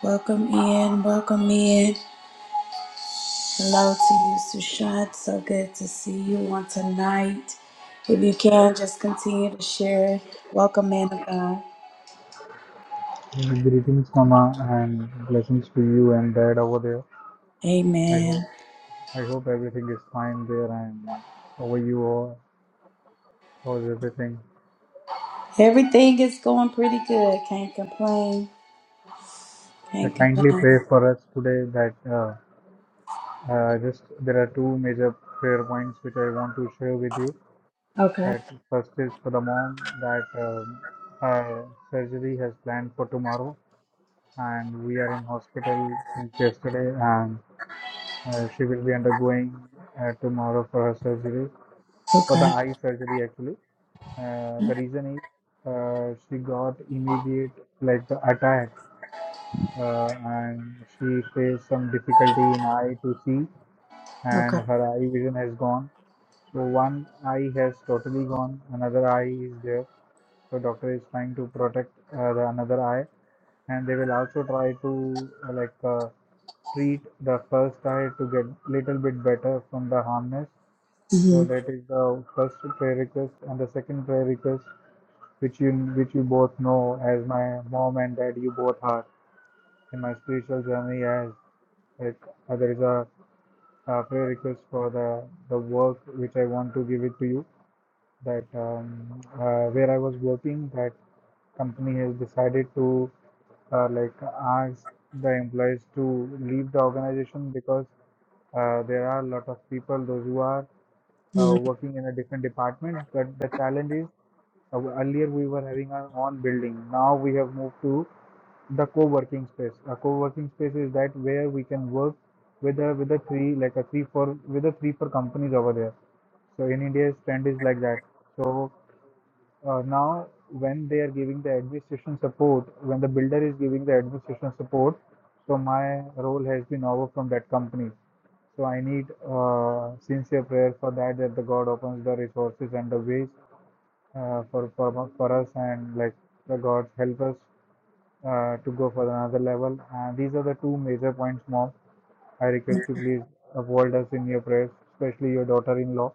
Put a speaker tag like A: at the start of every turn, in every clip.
A: Welcome in, welcome in. Hello to you, Sushant. So good to see you on tonight. If you can, just continue to share it. Welcome, man of God.
B: Yeah, Greetings, Mama, and blessings to you and Dad over there. I hope
A: Amen.
B: I hope everything is fine there and over you all, how's everything.
A: Everything is going pretty good. Can't complain.
B: I
A: Can't
B: kindly pray
A: complain.
B: for us today that uh, uh, just there are two major prayer points which I want to share with you.
A: Okay.
B: That first is for the mom that um, her surgery has planned for tomorrow, and we are in hospital since yesterday, and uh, she will be undergoing uh, tomorrow for her surgery for the
A: Okay.
B: eye surgery actually. Uh, the reason is uh, she got immediate like the attack uh, and she faced some difficulty in eye to see and
A: Okay.
B: her eye vision has gone. So one eye has totally gone, another eye is there. So doctor is trying to protect uh, the another eye and they will also try to uh, like uh, treat the first eye to get little bit better from the harmness so
A: Mm-hmm.
B: that is the first prayer request, and the second prayer request, which you which you both know, as my mom and dad, you both are in my spiritual journey. As like uh, there is a, uh prayer request for the the work which I want to give it to you. That um, uh, where I was working, that company has decided to uh, like ask the employees to leave the organization because uh, there are a lot of people those who are uh,
A: Mm-hmm.
B: working in a different department. But the challenge is uh, earlier we were having our own building. Now we have moved to the co-working space. A co-working space is that where we can work with a with a three like a three four with a three four companies over there. So in India's trend is like that. So uh, now when they are giving the administration support, when the builder is giving the administration support, so my role has been over from that company. So I need uh, sincere prayer for that, that the God opens the resources and the ways uh, for, for for us, and like the God help us uh, to go for another level. And these are the two major points, Mom. I request you please uphold us in your prayers, especially your daughter-in-law.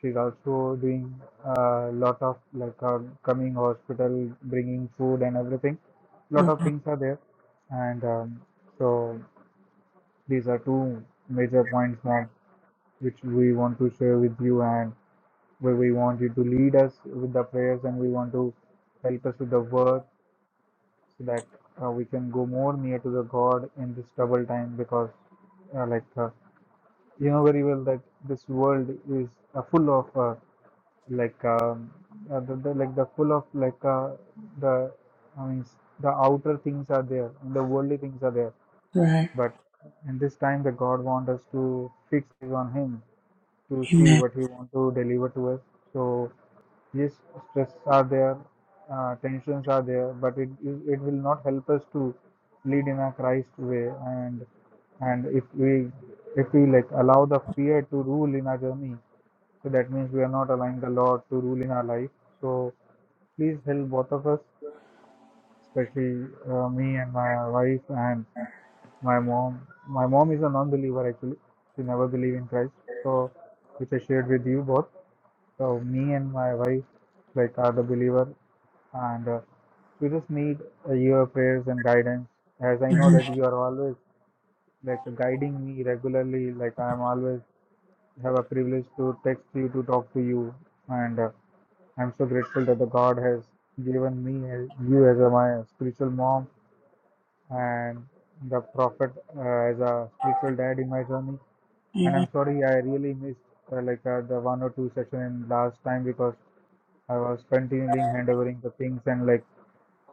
B: She's also doing a lot of like uh, coming hospital, bringing food and everything. Lot of
A: Okay.
B: things are there, and um, so these are two major points, Mom which we want to share with you and where we want you to lead us with the prayers and we want to help us with the work so that uh, we can go more near to the God in this trouble time because uh, like uh, you know very well that this world is uh, full of uh, like um, uh, the, the like the full of like uh, the I mean the outer things are there and the worldly things are there
A: Right.
B: but in this time the God wants us to fix on him to see
A: Amen.
B: what he want to deliver to us. So yes, stress are there, uh, tensions are there, but it it will not help us to lead in a Christ way. And and if we if we like allow the fear to rule in our journey, so that means we are not allowing the Lord to rule in our life. So please help both of us, especially uh, me and my wife and my mom. My mom is a non-believer actually; she never believed in Christ. So, which I shared with you both. So me and my wife like are the believer, and uh, we just need uh, your prayers and guidance. As I know that
A: Mhm.
B: you are always like guiding me regularly, like I am always have a privilege to text you to talk to you, and uh, I'm so grateful that the God has given me as- you as a, my spiritual mom and the prophet uh, as a spiritual dad in my journey.
A: Amen.
B: And I'm sorry I really missed uh, like uh, the one or two session in last time because I was continually handovering the things and like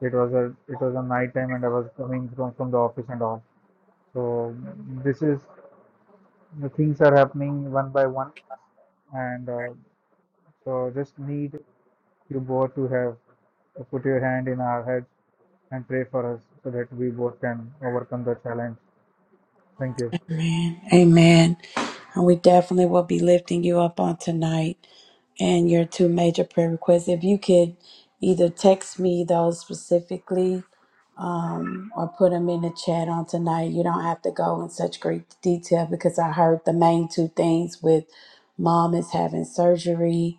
B: it was a it was a night time and I was coming from from the office and all. So this is the things are happening one by one and uh, so just need you both to have to put your hand in our heads and pray for us so that we both can overcome the challenge. Thank you.
A: Amen. Amen. And we definitely will be lifting you up on tonight and your two major prayer requests. If you could either text me those specifically um, or put them in the chat on tonight, you don't have to go in such great detail because I heard the main two things with mom is having surgery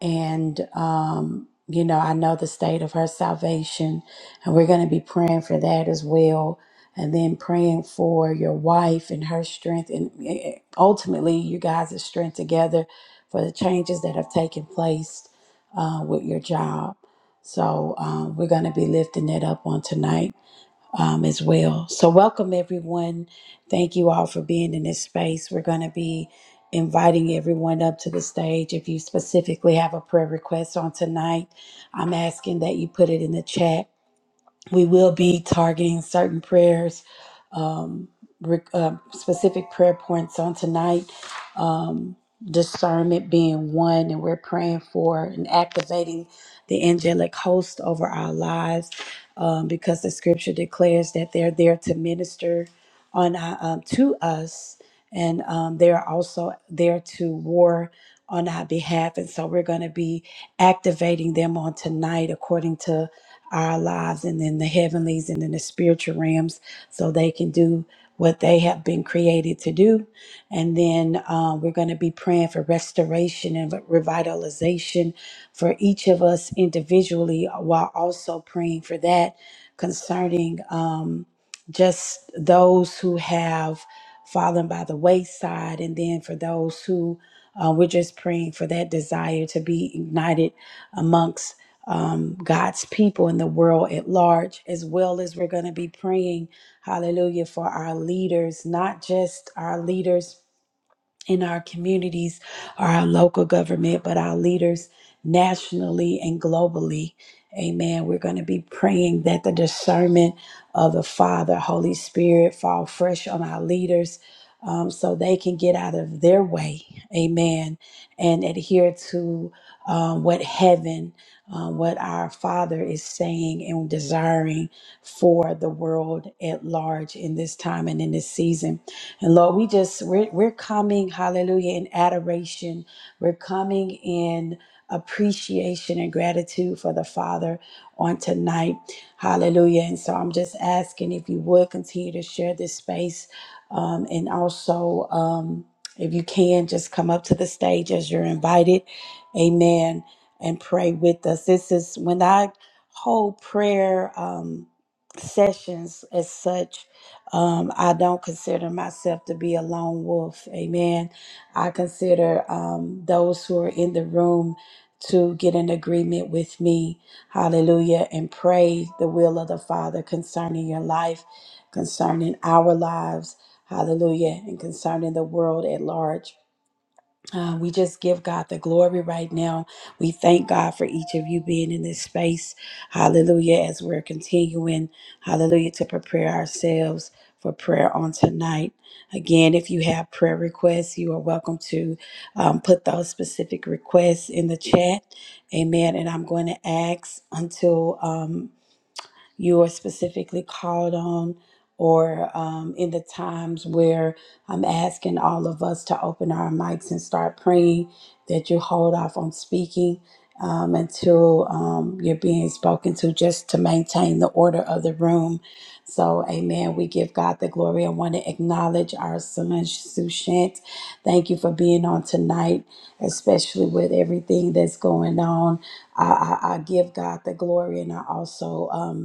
A: and, um, you know, I know the state of her salvation, and we're going to be praying for that as well and then praying for your wife and her strength and eh, eh, ultimately you guys' strength together for the changes that have taken place uh, with your job so um, we're going to be lifting that up on tonight um, as well so welcome everyone thank you all for being in this space we're going to be inviting everyone up to the stage if you specifically have a prayer request on tonight i'm asking that you put it in the chat we will be targeting certain prayers, um, re- uh, specific prayer points on tonight. Um, discernment being one, and we're praying for and activating the angelic host over our lives um, because the scripture declares that they're there to minister on our, um, to us, and um, they are also there to war on our behalf. And so we're going to be activating them on tonight according to our lives and in the heavenlies and in the spiritual realms so they can do what they have been created to do. And then uh, we're going to be praying for restoration and revitalization for each of us individually while also praying for that concerning um, just those who have fallen by the wayside and then for those who uh, we're just praying for that desire to be ignited amongst um, God's people in the world at large, as well as we're going to be praying, hallelujah, for our leaders, not just our leaders in our communities or our local government, but our leaders nationally and globally. Amen. We're going to be praying that the discernment of the Father, Holy Spirit, fall fresh on our leaders um, so they can get out of their way. Amen. And adhere to um, what heaven, um, what our Father is saying and desiring for the world at large in this time and in this season. And Lord, we just we're we're coming, hallelujah, in adoration. We're coming in appreciation and gratitude for the Father on tonight. Hallelujah. And so I'm just asking if you would continue to share this space. Um, and also um if you can just come up to the stage as you're invited. Amen. And pray with us. This is when I hold prayer um sessions as such um, I don't consider myself to be a lone wolf. Amen. I consider um, those who are in the room to get in agreement with me. Hallelujah. And pray the will of the Father concerning your life, concerning our lives. Hallelujah. And concerning the world at large. Uh, we just give God the glory right now. We thank God for each of you being in this space. Hallelujah. As we're continuing, hallelujah, to prepare ourselves for prayer on tonight. Again, if you have prayer requests, you are welcome to um, put those specific requests in the chat. Amen. And I'm going to ask until. um, you are specifically called on or um, in the times where I'm asking all of us to open our mics and start praying, that you hold off on speaking um, until um, you're being spoken to, just to maintain the order of the room. So, amen. We give God the glory. I want to acknowledge our son, Sushant. Thank you for being on tonight, especially with everything that's going on. I, I, I give God the glory and I also. Um,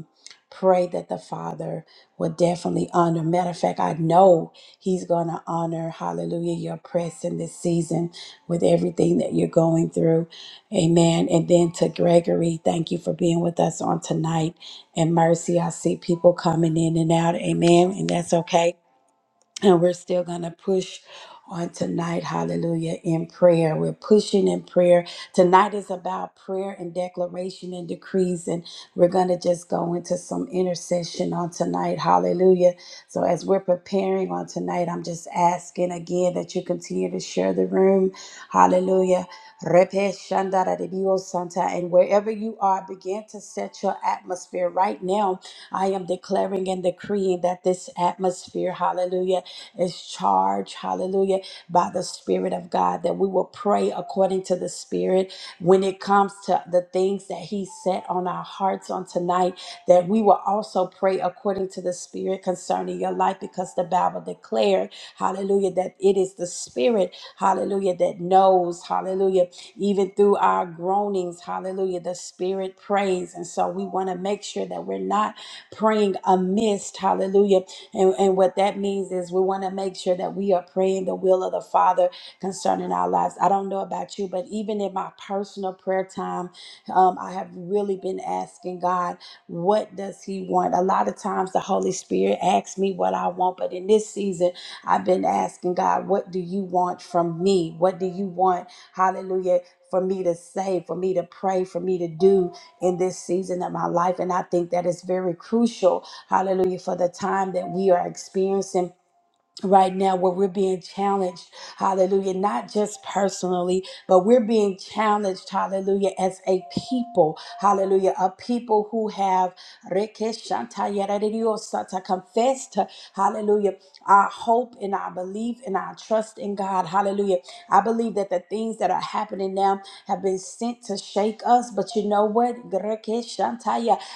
A: pray that the Father will definitely honor. Matter of fact, I know He's going to honor, hallelujah, your press in this season with everything that you're going through. Amen. And then to Gregory, thank you for being with us on tonight. And mercy, I see people coming in and out. Amen. And that's okay. And we're still going to push on tonight, hallelujah, in prayer. We're pushing in prayer. Tonight is about prayer and declaration and decrees, and we're going to just go into some intercession on tonight, hallelujah. So, as we're preparing on tonight, I'm just asking again that you continue to share the room, hallelujah. Repe shandara de Dios Santa, And wherever you are, begin to set your atmosphere right now. I am declaring and decreeing that this atmosphere, hallelujah is charged, hallelujah, by the Spirit of God, that we will pray according to the Spirit when it comes to the things that He set on our hearts on tonight, that we will also pray according to the Spirit concerning your life, because the Bible declared, hallelujah, that it is the Spirit, hallelujah, that knows, hallelujah, even through our groanings, hallelujah, the Spirit prays. And so we want to make sure that we're not praying amiss, hallelujah and, and what that means is we want to make sure that we are praying the will of the Father concerning our lives. I don't know about you, but even in my personal prayer time, um, I have really been asking God, what does He want? A lot of times the Holy Spirit asks me what I want, but in this season, I've been asking God, what do you want from me? What do you want? Hallelujah. For me to say, for me to pray, for me to do in this season of my life. And I think that is very crucial Hallelujah. For the time that we are experiencing right now where we're being challenged. Hallelujah. Not just personally, but we're being challenged. Hallelujah. As a people. Hallelujah. A people who have Rekeshantayaradiosata, confessed. Hallelujah. Our hope and our belief and our trust in God. Hallelujah. I believe that the things that are happening now have been sent to shake us. But you know what?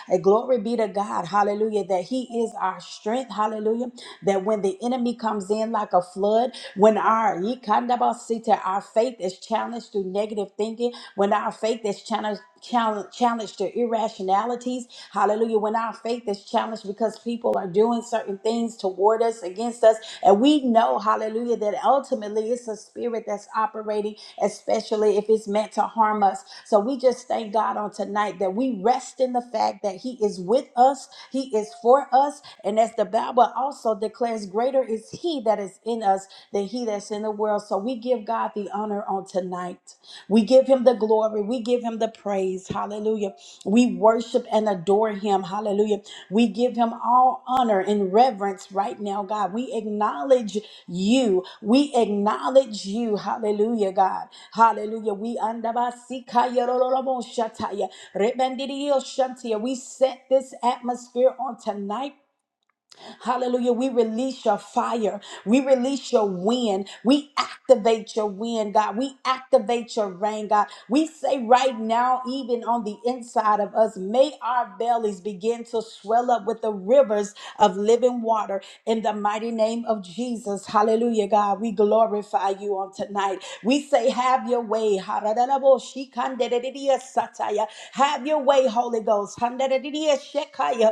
A: And glory be to God, hallelujah, that He is our strength, hallelujah. That when the enemy comes in like a flood, when our yikandabasita, our faith is challenged through negative thinking, when our faith is challenged. Challenge, challenged to irrationalities. Hallelujah. When our faith is challenged because people are doing certain things toward us, against us, and we know, hallelujah, that ultimately it's a spirit that's operating, especially if it's meant to harm us. So we just thank God on tonight that we rest in the fact that He is with us, He is for us. And as the Bible also declares, greater is He that is in us than He that's in the world. So we give God the honor on tonight. We give him the glory. We give him the praise. Hallelujah. We worship and adore him. Hallelujah. We give him all honor and reverence right now, God. We acknowledge you. We acknowledge you. Hallelujah, God. Hallelujah. We andabasikayaroroboshataya. Rebendidioshantia. we set this atmosphere on tonight Hallelujah. We release your fire. We release your wind. We activate your wind, God. We activate your rain, God. We say right now, even on the inside of us, may our bellies begin to swell up with the rivers of living water in the mighty name of Jesus. Hallelujah, God. We glorify you on tonight. We say, Have your way. ha Have your way, Holy Ghost. han da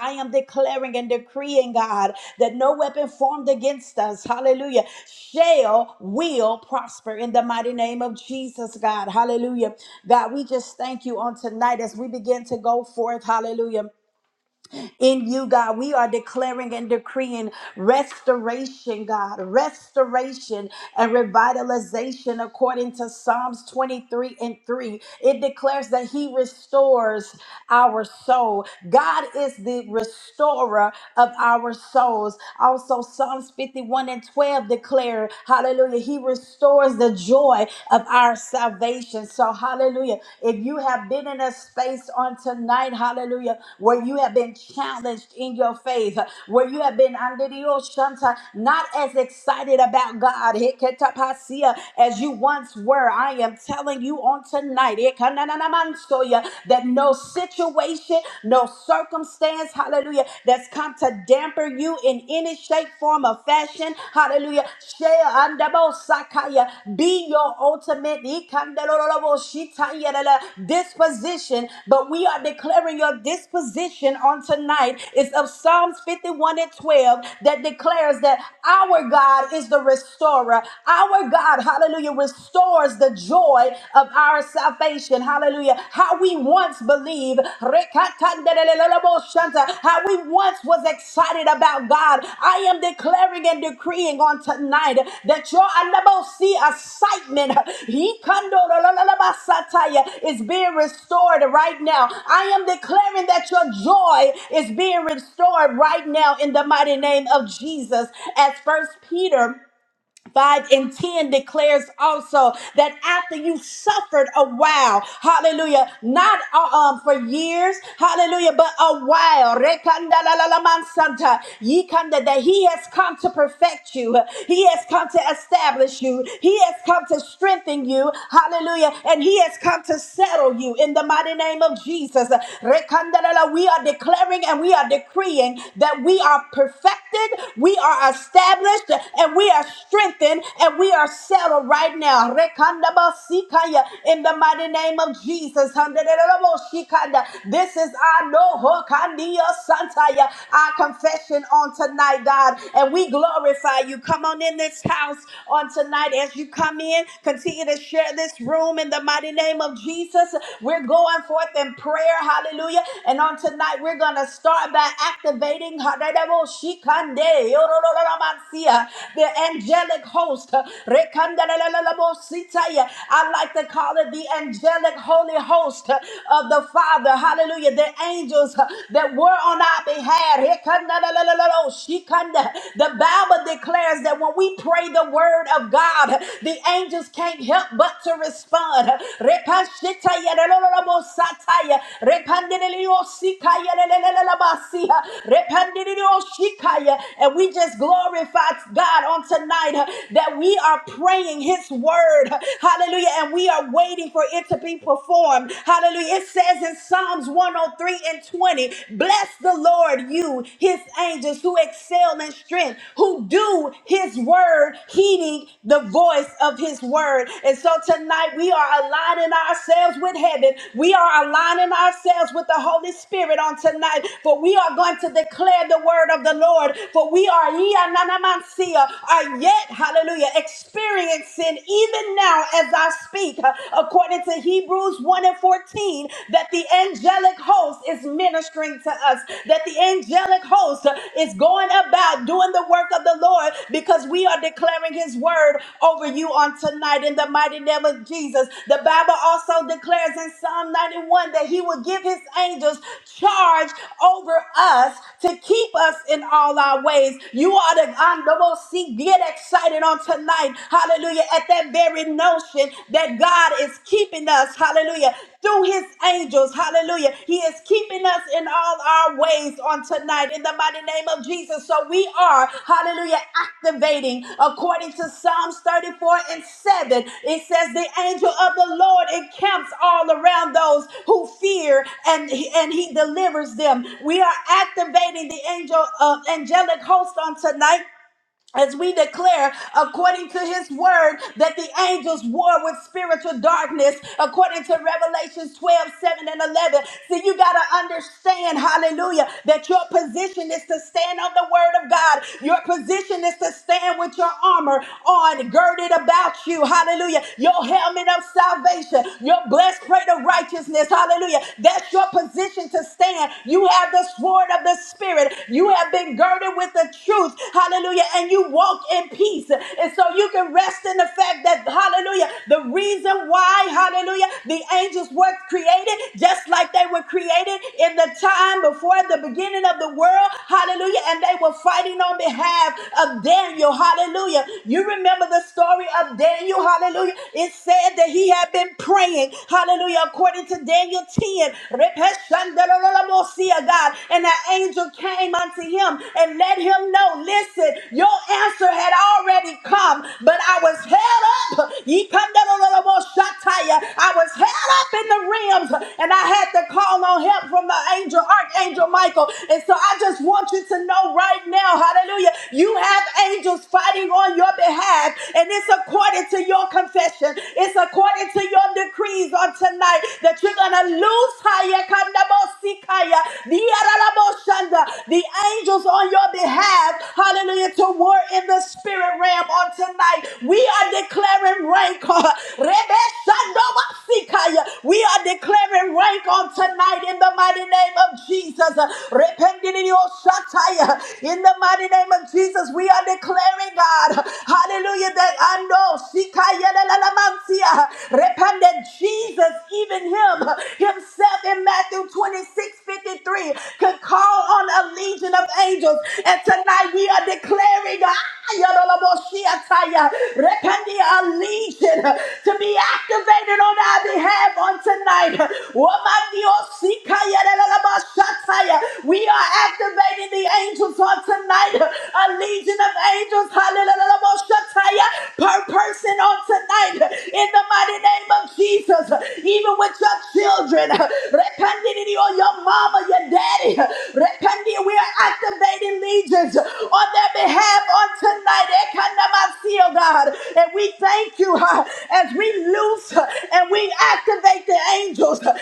A: I am declaring and decreeing, God, that no weapon formed against us, hallelujah, shall, will prosper in the mighty name of Jesus, God. Hallelujah. God, we just thank you on tonight as we begin to go forth, hallelujah in you, God. We are declaring and decreeing restoration, God, restoration and revitalization according to Psalms 23 and 3. It declares that He restores our soul. God is the restorer of our souls. Also, Psalms 51 and 12 declare, hallelujah, He restores the joy of our salvation salvation. So, hallelujah. If you have been in a space on tonight, hallelujah, where you have been challenged in your faith, where you have been under the ocean, not as excited about God hiketapasia, as you once were, I am telling you on tonight ikananamansoya, that no situation, no circumstance, hallelujah, that's come to damper you in any shape, form, or fashion. Hallelujah. Shea andabo sakaya. Be your ultimate ikandelolobo shitayelele disposition. But we are declaring your disposition on tonight. It's of Psalms 51 and 12 that declares that our God is the restorer. Our God, hallelujah, restores the joy of our salvation. Hallelujah how we once believed, Rekatandeleleleboshanta, how we once was excited about God. I am declaring and decreeing on tonight that your see excitement Hikandolololabasataya, is being restored right now. I am declaring that your joy is being restored right now in the mighty name of Jesus. As first Peter 5 and 10 declares also that after you suffered a while, hallelujah, not uh, um, for years, hallelujah, but a while, rekandalalalamansanta, yikanda, that he has come to perfect you, he has come to establish you, he has come to strengthen you, hallelujah, and he has come to settle you in the mighty name of Jesus. Rekandalala, We are declaring and we are decreeing that we are perfected, we are established, and we are strengthened and we are settled right now. Rekandabasikaya, In the mighty name of Jesus. Handereraboshikanda. This is our no Hokandia santaya, our confession on tonight, God. And we glorify you. Come on in this house on tonight as you come in. Continue to share this room in the mighty name of Jesus. We're going forth in prayer. Hallelujah. And on tonight, we're going to start by activating the angelic host. Rekandalalalalamositaya. I like to call it the angelic holy host of the Father. Hallelujah. The angels that were on our behalf. Rekandalalalalaloshikanda. The Bible declares that when we pray the word of God, the angels can't help but to respond. Repashitayalalalamosataya. Repandeleliosikayalalalalabasiya. Repandeliloshikaya. And we just glorify God on tonight uh, that we are praying His word. Hallelujah. And we are waiting for it to be performed. Hallelujah. It says in Psalms 103 and 20, Bless the Lord, you, His angels who excel in strength, who do His word, heeding the voice of His word. And so tonight we are aligning ourselves with heaven. We are aligning ourselves with the Holy Spirit on tonight, for we are going to declare the word of the Lord. For we are hallelujah, are yet, hallelujah, experiencing even now as I speak, uh, according to Hebrews 1 and 14, that the angelic host is ministering to us, that the angelic host uh, is going about doing the work of the Lord because we are declaring his word over you on tonight in the mighty name of Jesus. The Bible also declares in Psalm 91 that he will give his angels charge over us to keep us in all our ways. You are to Andobosi, Get excited on tonight. Hallelujah. At that very notion that God is keeping us. Hallelujah. Through his angels. Hallelujah. He is keeping us in all our ways on tonight in the mighty name of Jesus. So we are, hallelujah, activating according to Psalms 34 and 7. It says, The angel of the Lord encamps all around those who fear and, and he delivers them. We are activating the angel uh, angelic host on tonight as we declare according to his word that the angels war with spiritual darkness according to revelations 12, 7, and 11 so you got to understand hallelujah that your position is to stand on the word of god your position is to stand with your armor on girded about you hallelujah your helmet of salvation your blessed plate of righteousness hallelujah that's your position to stand you have the sword of the the Spirit. You have been girded with the truth. Hallelujah. And you walk in peace. And so you can rest in the fact that, hallelujah, the reason why, hallelujah, the angels were created just like they were created in the time before the beginning of the world. Hallelujah. And they were fighting on behalf of Daniel. Hallelujah. You remember the story of Daniel. Hallelujah. It said that he had been praying. Hallelujah. According to Daniel. Daniel 10. Repeshandalalamosia, God. And the angel came unto him and let him know, listen, your answer had already come, but I was held up. Yikandalalamoshataya. I was held up in the realms and I had to call on help from the angel, Archangel Michael. And so I just want you to know right now, hallelujah, you have angels fighting on your behalf and it's according to your confession possession. It's according to your decrees on tonight that you're going to lose higher kandabosikaya, the aralaboshanda, the angels on your behalf. Hallelujah. To war in the spirit realm on tonight. We are declaring rank. Rebeshandobasikaya. We are declaring rank on tonight in the mighty name of Jesus. Rependidioshataya. In the mighty name of Jesus, we are declaring declaring, God, hallelujah, that I know, Shikayelelelemansia, repented. Jesus, even him, himself in Matthew 26 53, could call on a legion of angels. And tonight we are declaring, Ayeleleboshiataya, repenting a legion to be activated on our behalf on tonight. Womandiosika, yelelelebashataya. We we are activating the angels on tonight. A legion of angels, hallelujah, per person on tonight. In the mighty name of Jesus, even with your children, Rekandidi, or your mama, your daddy, Rekandi, we are activating legions on their behalf on tonight. Ekanamasi, oh God. And we thank you huh, as we loose huh, and we activate the angels. huh,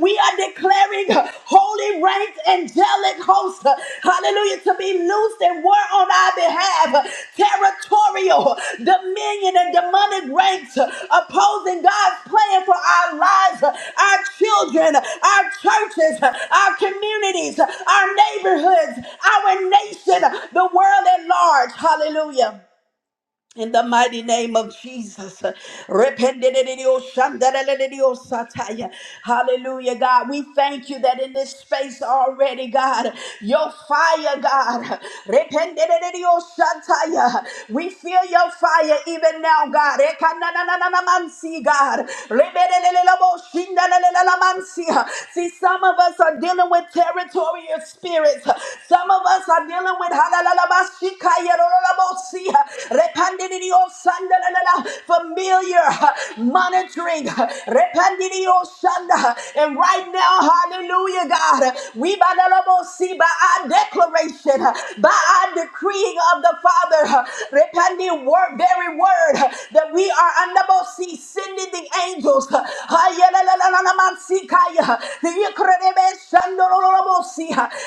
A: we are declaring holy ranks, angelic hosts, hallelujah, to be loosed and war on our behalf. Territorial, dominion, and demonic ranks opposing God's plan for our lives, our children, our churches, our communities, our neighborhoods, our nation, the world at large. Hallelujah. In the mighty name of Jesus. Rependididioshandareledidiosataya. Hallelujah, God. We thank you that in this space already, God, your fire, God. Rependidididiosataya. We feel your fire even now, God. Rekananananamansi, God. Rebeleleleloboshindalalelamansi. See See, some of us are dealing with territorial spirits. Some of us are dealing with halalabashikayarolabosi, repandidiosandalala, familiar monitoring. repandidiosanda. And right now, hallelujah, God, we badalabosi, by our declaration, by our decreeing of the Father, repandi word, very word that we are andabosi, sending the angels. Hayalalalamansikaya,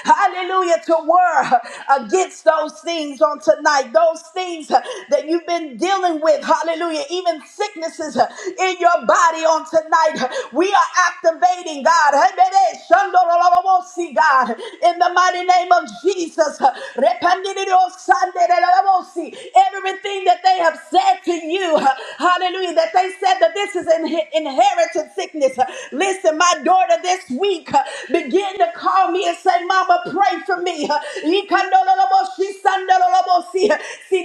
A: Hallelujah. To war against those things on tonight, those things that you've been dealing with. Hallelujah. Even sicknesses in your body on tonight. We are activating, God. God. In the mighty name of Jesus. Everything that they have said to you. Hallelujah. That they said that this is an inherited sickness. Listen, my daughter this week uh, began to call me and say, Mama, pray for me. See,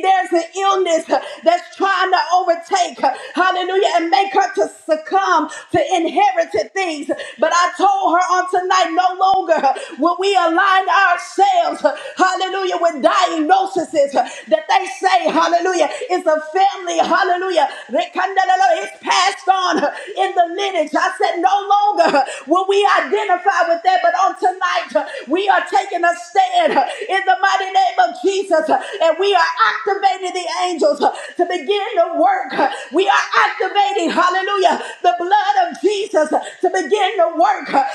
A: there's an illness that's trying to overtake. uh, hallelujah, and make her to succumb to inherited things. But I told her on tonight, no longer will we align ourselves, hallelujah, with diagnoses that they say, hallelujah, is a family, hallelujah, rekandelelo, it's passed on in the lineage. I said, no longer will we identify with that, but on tonight, we are taking a stand in the mighty name of Jesus, and we are activating the angels angels uh, to begin the work. Uh, We are activating, hallelujah, the blood of Jesus uh, to begin the work. Uh,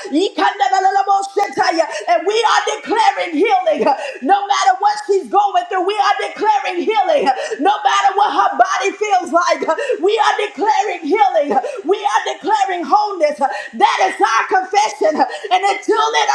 A: And we are declaring healing. Uh, No matter what she's going through, we are declaring healing. Uh, No matter what her body feels like, uh, we are declaring healing. Uh, We are declaring wholeness. Uh, That is our confession. Uh, And until it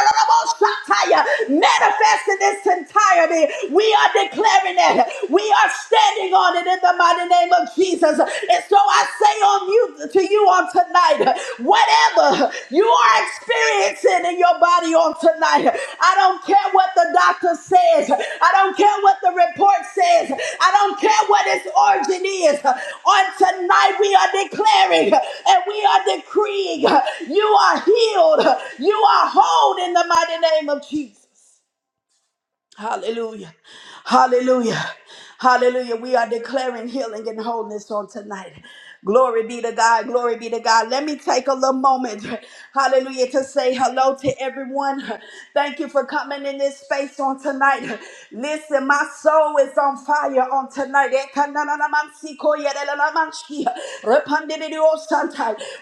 A: manifests in its entirety, we we are declaring it. We are standing on it in the mighty name of Jesus. And so I say on you to you on tonight, whatever you are experiencing in your body on tonight, I don't care what the doctor says. I don't care what the report says. I don't care what its origin is. On tonight, we are declaring and we are decreeing you are healed. You are whole in the mighty name of Jesus. Hallelujah. Hallelujah. Hallelujah. We are declaring healing and wholeness on tonight. Glory be to God. Glory be to God. Let me take a little moment. Hallelujah. To say hello to everyone. Thank you for coming in this space on tonight. Listen, my soul is on fire on tonight.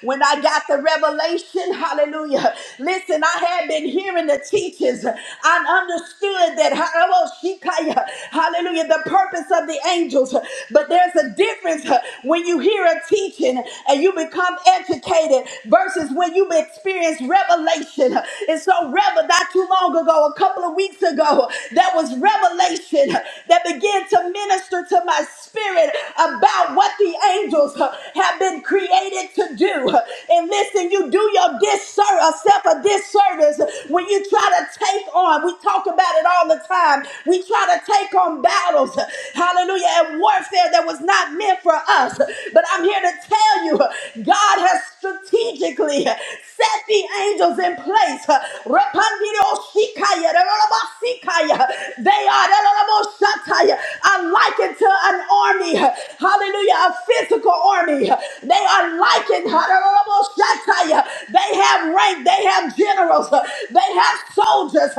A: When I got the revelation, hallelujah. Listen, I had been hearing the teachings. I understood that, hallelujah, the purpose of the angels. But there's a difference when you hear a teaching and you become educated versus when when you experienced revelation. And so, revel not too long ago, a couple of weeks ago, there was revelation that began to minister to my spirit about what the angels have been created to do. And listen, you do your disservice, self a disservice when you try to take on. We talk about it all the time. We try to take on battles. Hallelujah and warfare that was not meant for us. But I'm here to tell you, God has strategically set the angels in place. They are likened to an army. Hallelujah, a physical army. They are likened. They have rank. They have generals. They they have soldiers.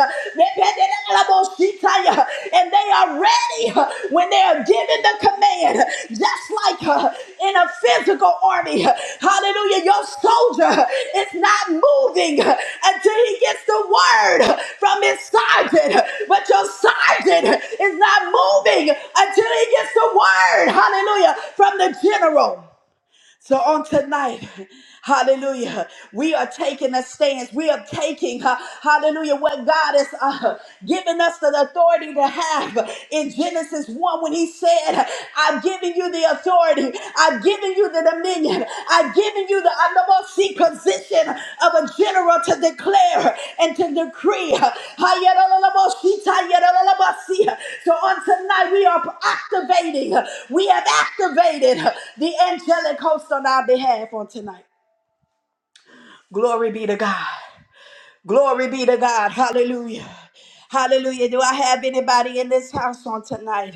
A: And they are ready uh, when they are given the command, just like uh, in a physical army. uh, Hallelujah. Your soldier uh, is not moving uh, until he gets the word uh, from his sergeant. uh, But your sergeant uh, is not moving until he gets the word. Hallelujah. From the general. So on tonight, hallelujah, we are taking a stance. We are taking, uh, hallelujah, what God has uh, given us the authority to have in Genesis 1 when he said, I've given you the authority. I've given you the dominion. I've giving you the undermost position of a general to declare and to decree. So on tonight, we are activating, we have activated the angelic host on our behalf on tonight. Glory be to God. Glory be to God. Hallelujah. Hallelujah. Do I have anybody in this house on tonight?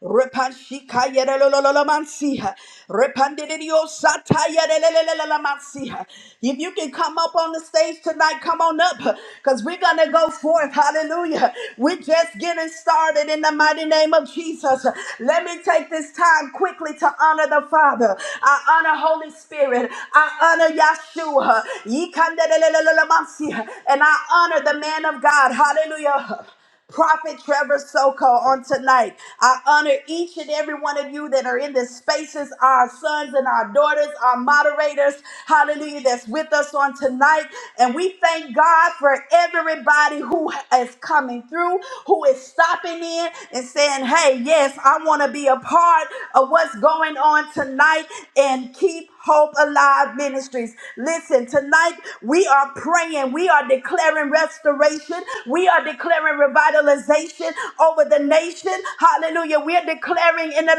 A: Repanshikayerelololomansiha. Repandidiosatayerelelelelelamansiha. If you can come up on the stage tonight, come on up because we're going to go forth. Hallelujah. We're just getting started in the mighty name of Jesus. Let me take this time quickly to honor the Father. I honor Holy Spirit. I honor Yahshua. Yikandelelelelemansi. And I honor the man of God. Hallelujah. Prophet Trevor Soko on tonight. I honor each and every one of you that are in this spaces, our sons and our daughters, our moderators, hallelujah, that's with us on tonight. And we thank God for everybody who is coming through, who is stopping in and saying, hey, yes, I want to be a part of what's what's going on tonight and keep hope alive ministries. Listen, tonight we are praying, we are declaring restoration, we are declaring revitalization over the nation. Hallelujah. We're declaring in the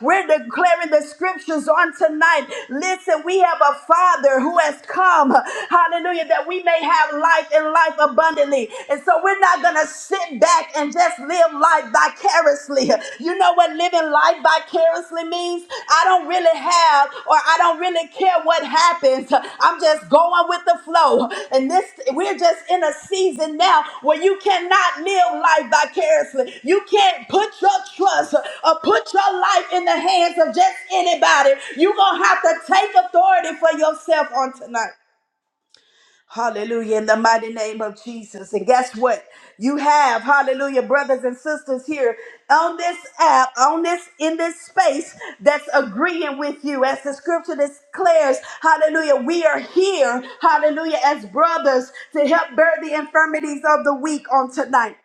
A: we're declaring the scriptures on tonight. Listen, we have a father who has come, hallelujah, that we may have life and life abundantly. And so we're not gonna to sit back and just live life vicariously. You know what living life vicariously means? I don't really have or I don't really care what happens. I'm just going with the flow. And this we're just in a season now where you cannot live life vicariously. You can't put your trust or put your life in the hands of just anybody. You're going to have to take authority for yourself on tonight. Hallelujah. In the mighty name of Jesus. And guess what? You have, hallelujah, brothers and sisters here on this app, on this, in this space that's agreeing with you. As the scripture declares, hallelujah, we are here, hallelujah, as brothers to help bear the infirmities of the weak on tonight.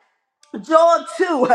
A: John 2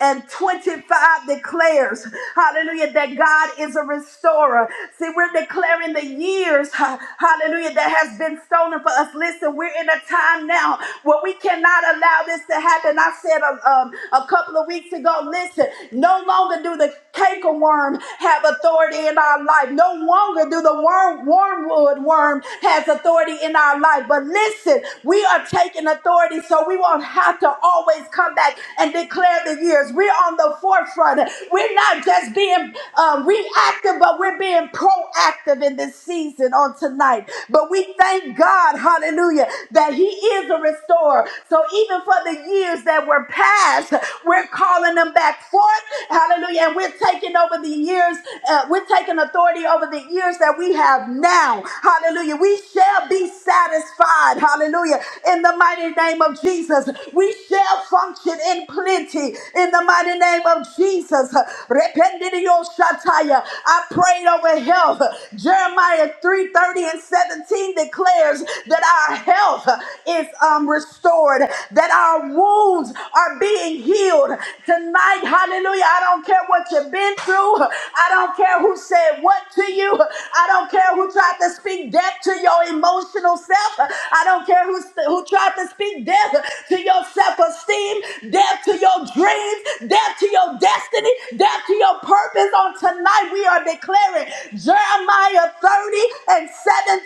A: and 25 declares, hallelujah, that God is a restorer. See, we're declaring the years, ha- hallelujah, that has been stolen for us. Listen, we're in a time now where we cannot allow this to happen. I said uh, um, a couple of weeks ago, listen, no longer do the canker worm have authority in our life. No longer do the worm, wormwood worm has authority in our life. But listen, we are are taking authority so we won't have to always come back and declare the years. We're on the forefront. We're not just being uh, reactive, but we're being proactive in this season on tonight. But we thank God, hallelujah, that He is a restorer. So even for the years that were past, we're calling them back forth, hallelujah, and we're taking over the years, uh, we're taking authority over the years that we have now, hallelujah. Hallelujah. We shall be satisfied. Hallelujah. In the mighty name of Jesus, we shall function in plenty. In the mighty name of Jesus. Rependidio shataya. I prayed over health. Jeremiah 3:30 and 17 declares that our health is um, restored, that our wounds are being healed tonight. Hallelujah. I don't care what you've been through. I don't care who said what to you. I don't care who tried to speak death to your emotional self. I don't care who, who tried to speak death to your self esteem, death to your dreams, death to your destiny, death to your purpose. On tonight, we are declaring Jeremiah 30 and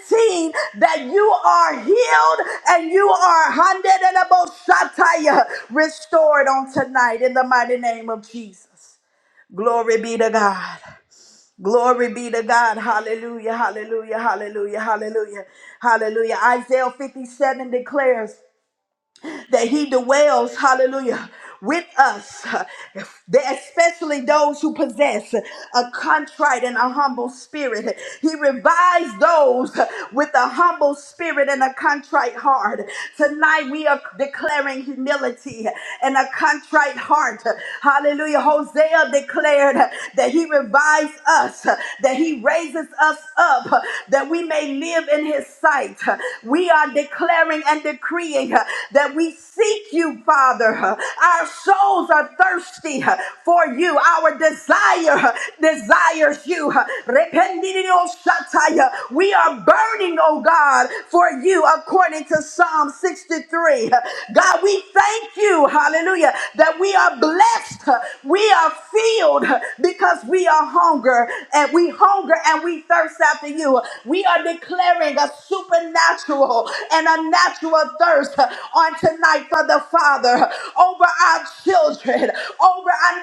A: 17 that you are healed and you are hundred and above shataya restored on tonight in the mighty name of Jesus. Glory be to God. Glory be to God. Hallelujah, hallelujah, hallelujah, hallelujah, hallelujah. Isaiah 57 declares that he dwells, hallelujah, with us, They- especially those who possess a contrite and a humble spirit. He revives those with a humble spirit and a contrite heart. Tonight we are declaring humility and a contrite heart. Hallelujah. Hosea declared that he revives us, that he raises us up, that we may live in his sight. We are declaring and decreeing uh, that we seek you, Father. Our souls are thirsty uh, for you. Our desire uh, desires you. Rependidioshatai. We are burning, oh God, for you according to Psalm 63. God, we thank you, hallelujah, that we are blessed. We are filled because we are hungry hunger and we hunger and we thirst after you. We are declaring a supernatural and a natural thirst on tonight for the Father over our children, over our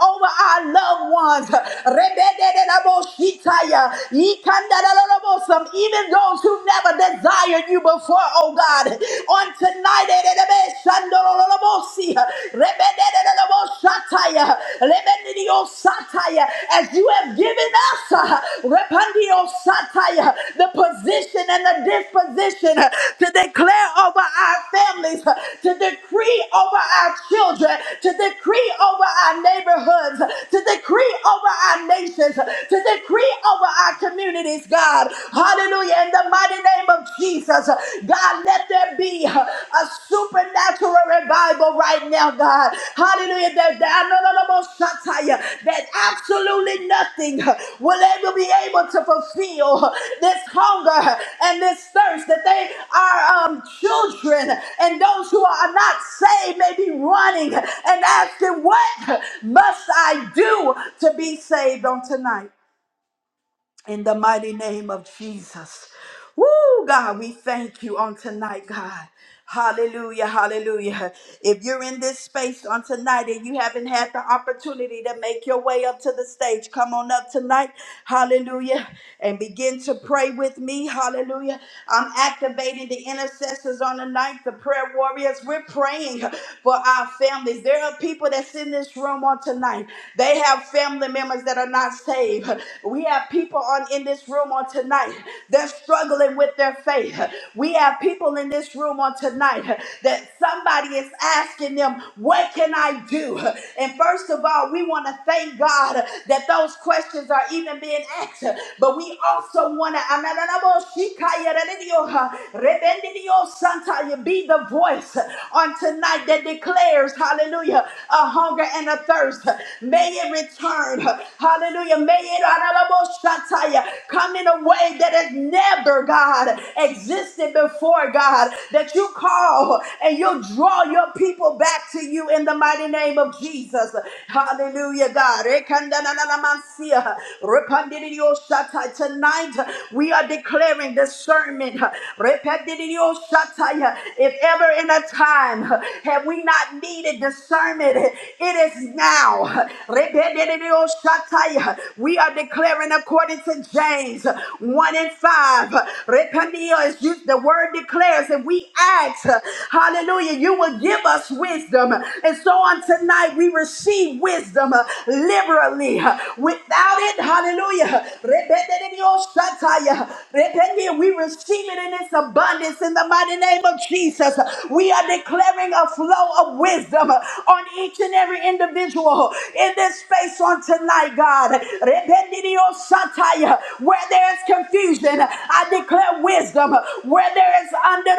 A: over our loved ones. Rebededenamoshitaya, Yikandadadadabosam, Even those who never desired you before, oh God, on tonight. Shandololobosi, Rebededededebosataya, Lebedidiosataya, As you have given us uh, Repandiosataya, the position and the disposition uh, to declare over our families, uh, to decree over our children, to decree over our neighborhoods, uh, to decree over our nations, uh, to decree over our communities, God. Hallelujah. In the mighty name of Jesus. God, let there be a supernatural revival right now, God. Hallelujah. That, that, no, no, no, no, Shataya, that absolutely nothing will ever be able to fulfill this hunger and this thirst that they are um, children and those who are not saved may be running and asking, What must I do to be saved on tonight? in the mighty name of Jesus. Woo, God, we thank you on tonight, God. Hallelujah, hallelujah. If you're in this space on tonight and you haven't had the opportunity to make your way up to the stage, come on up tonight, hallelujah, and begin to pray with me, hallelujah. I'm activating the intercessors on the night, the prayer warriors. We're praying for our families. There are people that's in this room on tonight tonight. They have family members that are not saved. We have people on in this room on tonight. They're struggling with their faith. We have people in this room on tonight that somebody is asking them, What can I do? And first of all, we want to thank God that those questions are even being asked. But we also want to be the voice on tonight that declares, hallelujah, a hunger and a thirst. May it return, hallelujah. May it Araboshataya, come in a way that has never, God, existed before, God, that you call and you'll draw your people back to you in the mighty name of Jesus. Hallelujah, God. Rekandananamansia, Repandidiyoshatai. Tonight, we are declaring hearing discernment. Repetidioshataya. If ever in a time have we not needed discernment, it is now. Repetidioshataya. We are declaring according to James 1 and 5. Rependio is used, the word declares, and we ask, hallelujah, you will give us wisdom. And so on tonight, we receive wisdom liberally Without it, hallelujah. Rebededeoshataya. Rebende, We receive it in its abundance in the mighty name of Jesus. We are declaring a flow of wisdom on each and every individual in this space on tonight, God. Rebededeoshataya. Where there is confusion, I declare wisdom. Where there is under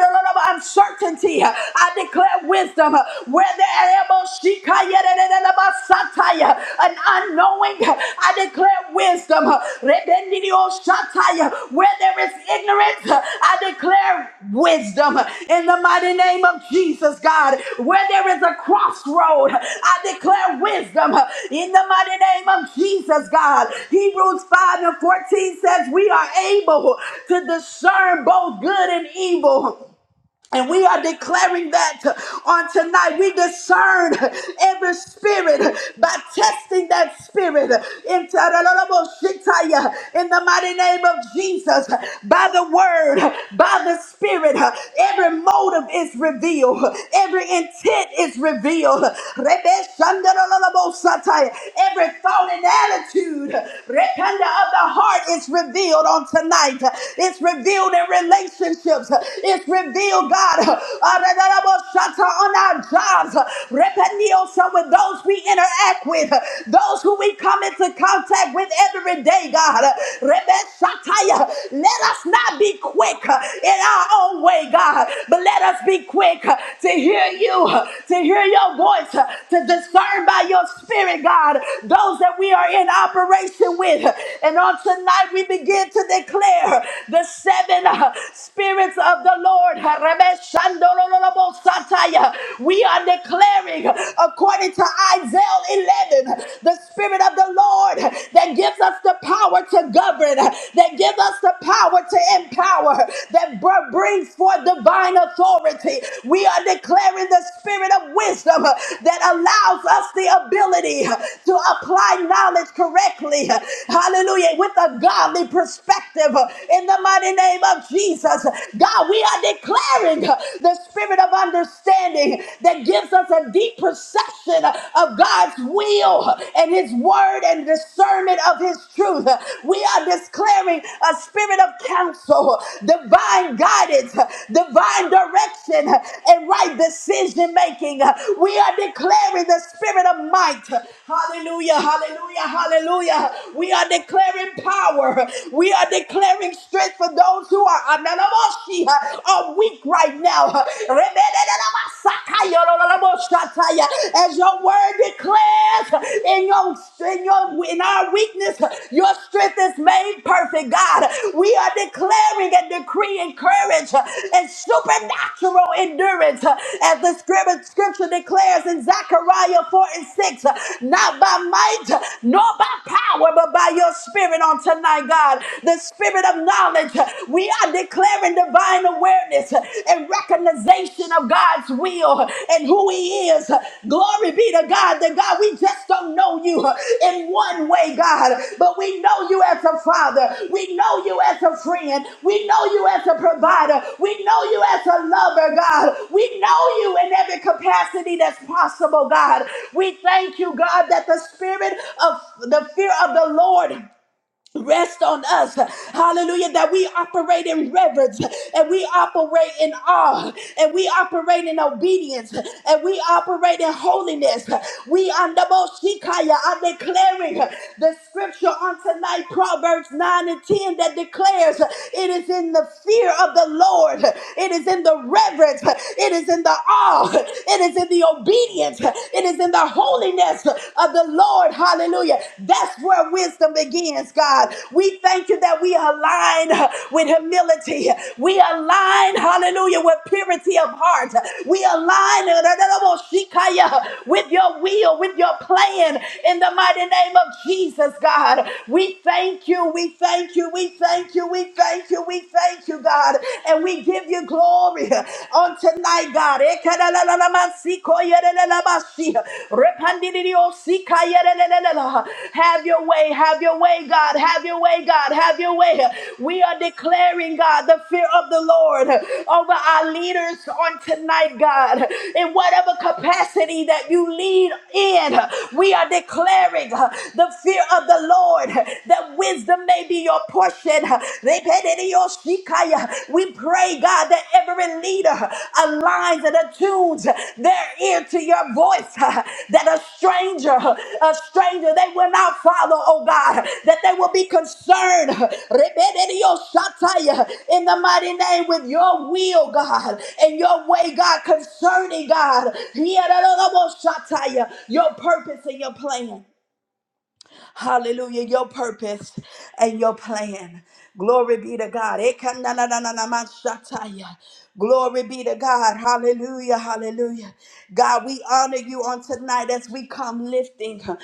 A: uncertainty, I declare wisdom. Where there an unknowing, I declare wisdom. Where there is ignorance, I declare wisdom in the mighty name of Jesus, God. Where there is a crossroad, I declare wisdom in the mighty name of Jesus, God. Hebrews 5 and 14 says, We are able to discern both good and evil. And we are declaring that on tonight. We discern every spirit by testing that spirit in the mighty name of Jesus. By the word, by the spirit, every motive is revealed, every intent is revealed. Rebeshandarararabosataya, Every thought and attitude rependa of the heart is revealed on tonight. It's revealed in relationships. It's revealed, God, on our jobs. Repeniosa with those we interact with, those who we come into contact with every day, God. Rebeshataya. Let us not be quick in our own way, God, but let us be quick to hear you, to hear your voice, to discern by your spirit, God, those that we are in operation with. And on tonight, we begin to declare the seven Spirits of the Lord, we are declaring, according to Isaiah 11, the Spirit of the Lord that gives us the power to govern, that gives us the power to empower, that br- brings forth divine authority. We are declaring the Spirit of wisdom that allows us the ability to apply knowledge correctly. Hallelujah. With a godly perspective in the mighty mighty name of Jesus. God, we are declaring the spirit of understanding that gives us a deep perception of God's will and His word and discernment of His truth. We are declaring a spirit of counsel, divine guidance, divine direction, and right decision making. We are declaring the spirit of might. Hallelujah, hallelujah, hallelujah. We are declaring power. We are declaring declaring strength for those who are ananamoshi, uh, are weak right now. Uh, rebedenamasakaya, As your word declares uh, in your in your in our weakness, uh, your strength is made perfect, God. We are declaring and decreeing courage uh, and supernatural endurance. uh, As the scripture scripture declares in Zechariah 4 and 6, uh, not by might, uh, nor by power, but by your spirit on tonight my God, the spirit of knowledge. We are declaring divine awareness and recognition of God's will and who He is. Glory be to God, that God, we just don't know you in one way, God, but we know you as a father. We know you as a friend. We know you as a provider. We know you as a lover, God. We know you in every capacity that's possible, God. We thank you, God, that the spirit of the fear of the Lord rest on us. Hallelujah. That we operate in reverence and we operate in awe and we operate in obedience and we operate in holiness. We under Moshikaya are declaring the scripture on tonight, Proverbs 9 and 10, that declares it is in the fear of the Lord, it is in the reverence, it is in the awe, it is in the obedience, it is in the holiness holiness of the Lord. Hallelujah. That's where wisdom begins, God. We thank you that we align with humility. We align, hallelujah, with purity of heart. We align with your will, with your plan in the mighty name of Jesus, God. We thank you. We thank you. We thank you. We thank you. We thank you, God. And we give you glory on tonight, God. Ekelelelelemansikoyelelelebasi. Repandidiosikayerelela. Have your way, have your way, God. Have your way, God. Have your way. We are declaring, God, the fear of the Lord over our leaders on tonight, God. In whatever capacity that you lead in, we are declaring the fear of the Lord that wisdom may be your portion, we pray, God, that every leader aligns and attunes their ear to your voice, that a stranger, a stranger, they will not follow, oh God, that they will be concerned in the mighty name with your will, God, and your way, God, concerning God, your purpose and your plan. Hallelujah. Your purpose and your plan. Glory be to God. Ekananananamashataya. Glory be to God. Hallelujah. Hallelujah. God, we honor you on tonight as we come lifting of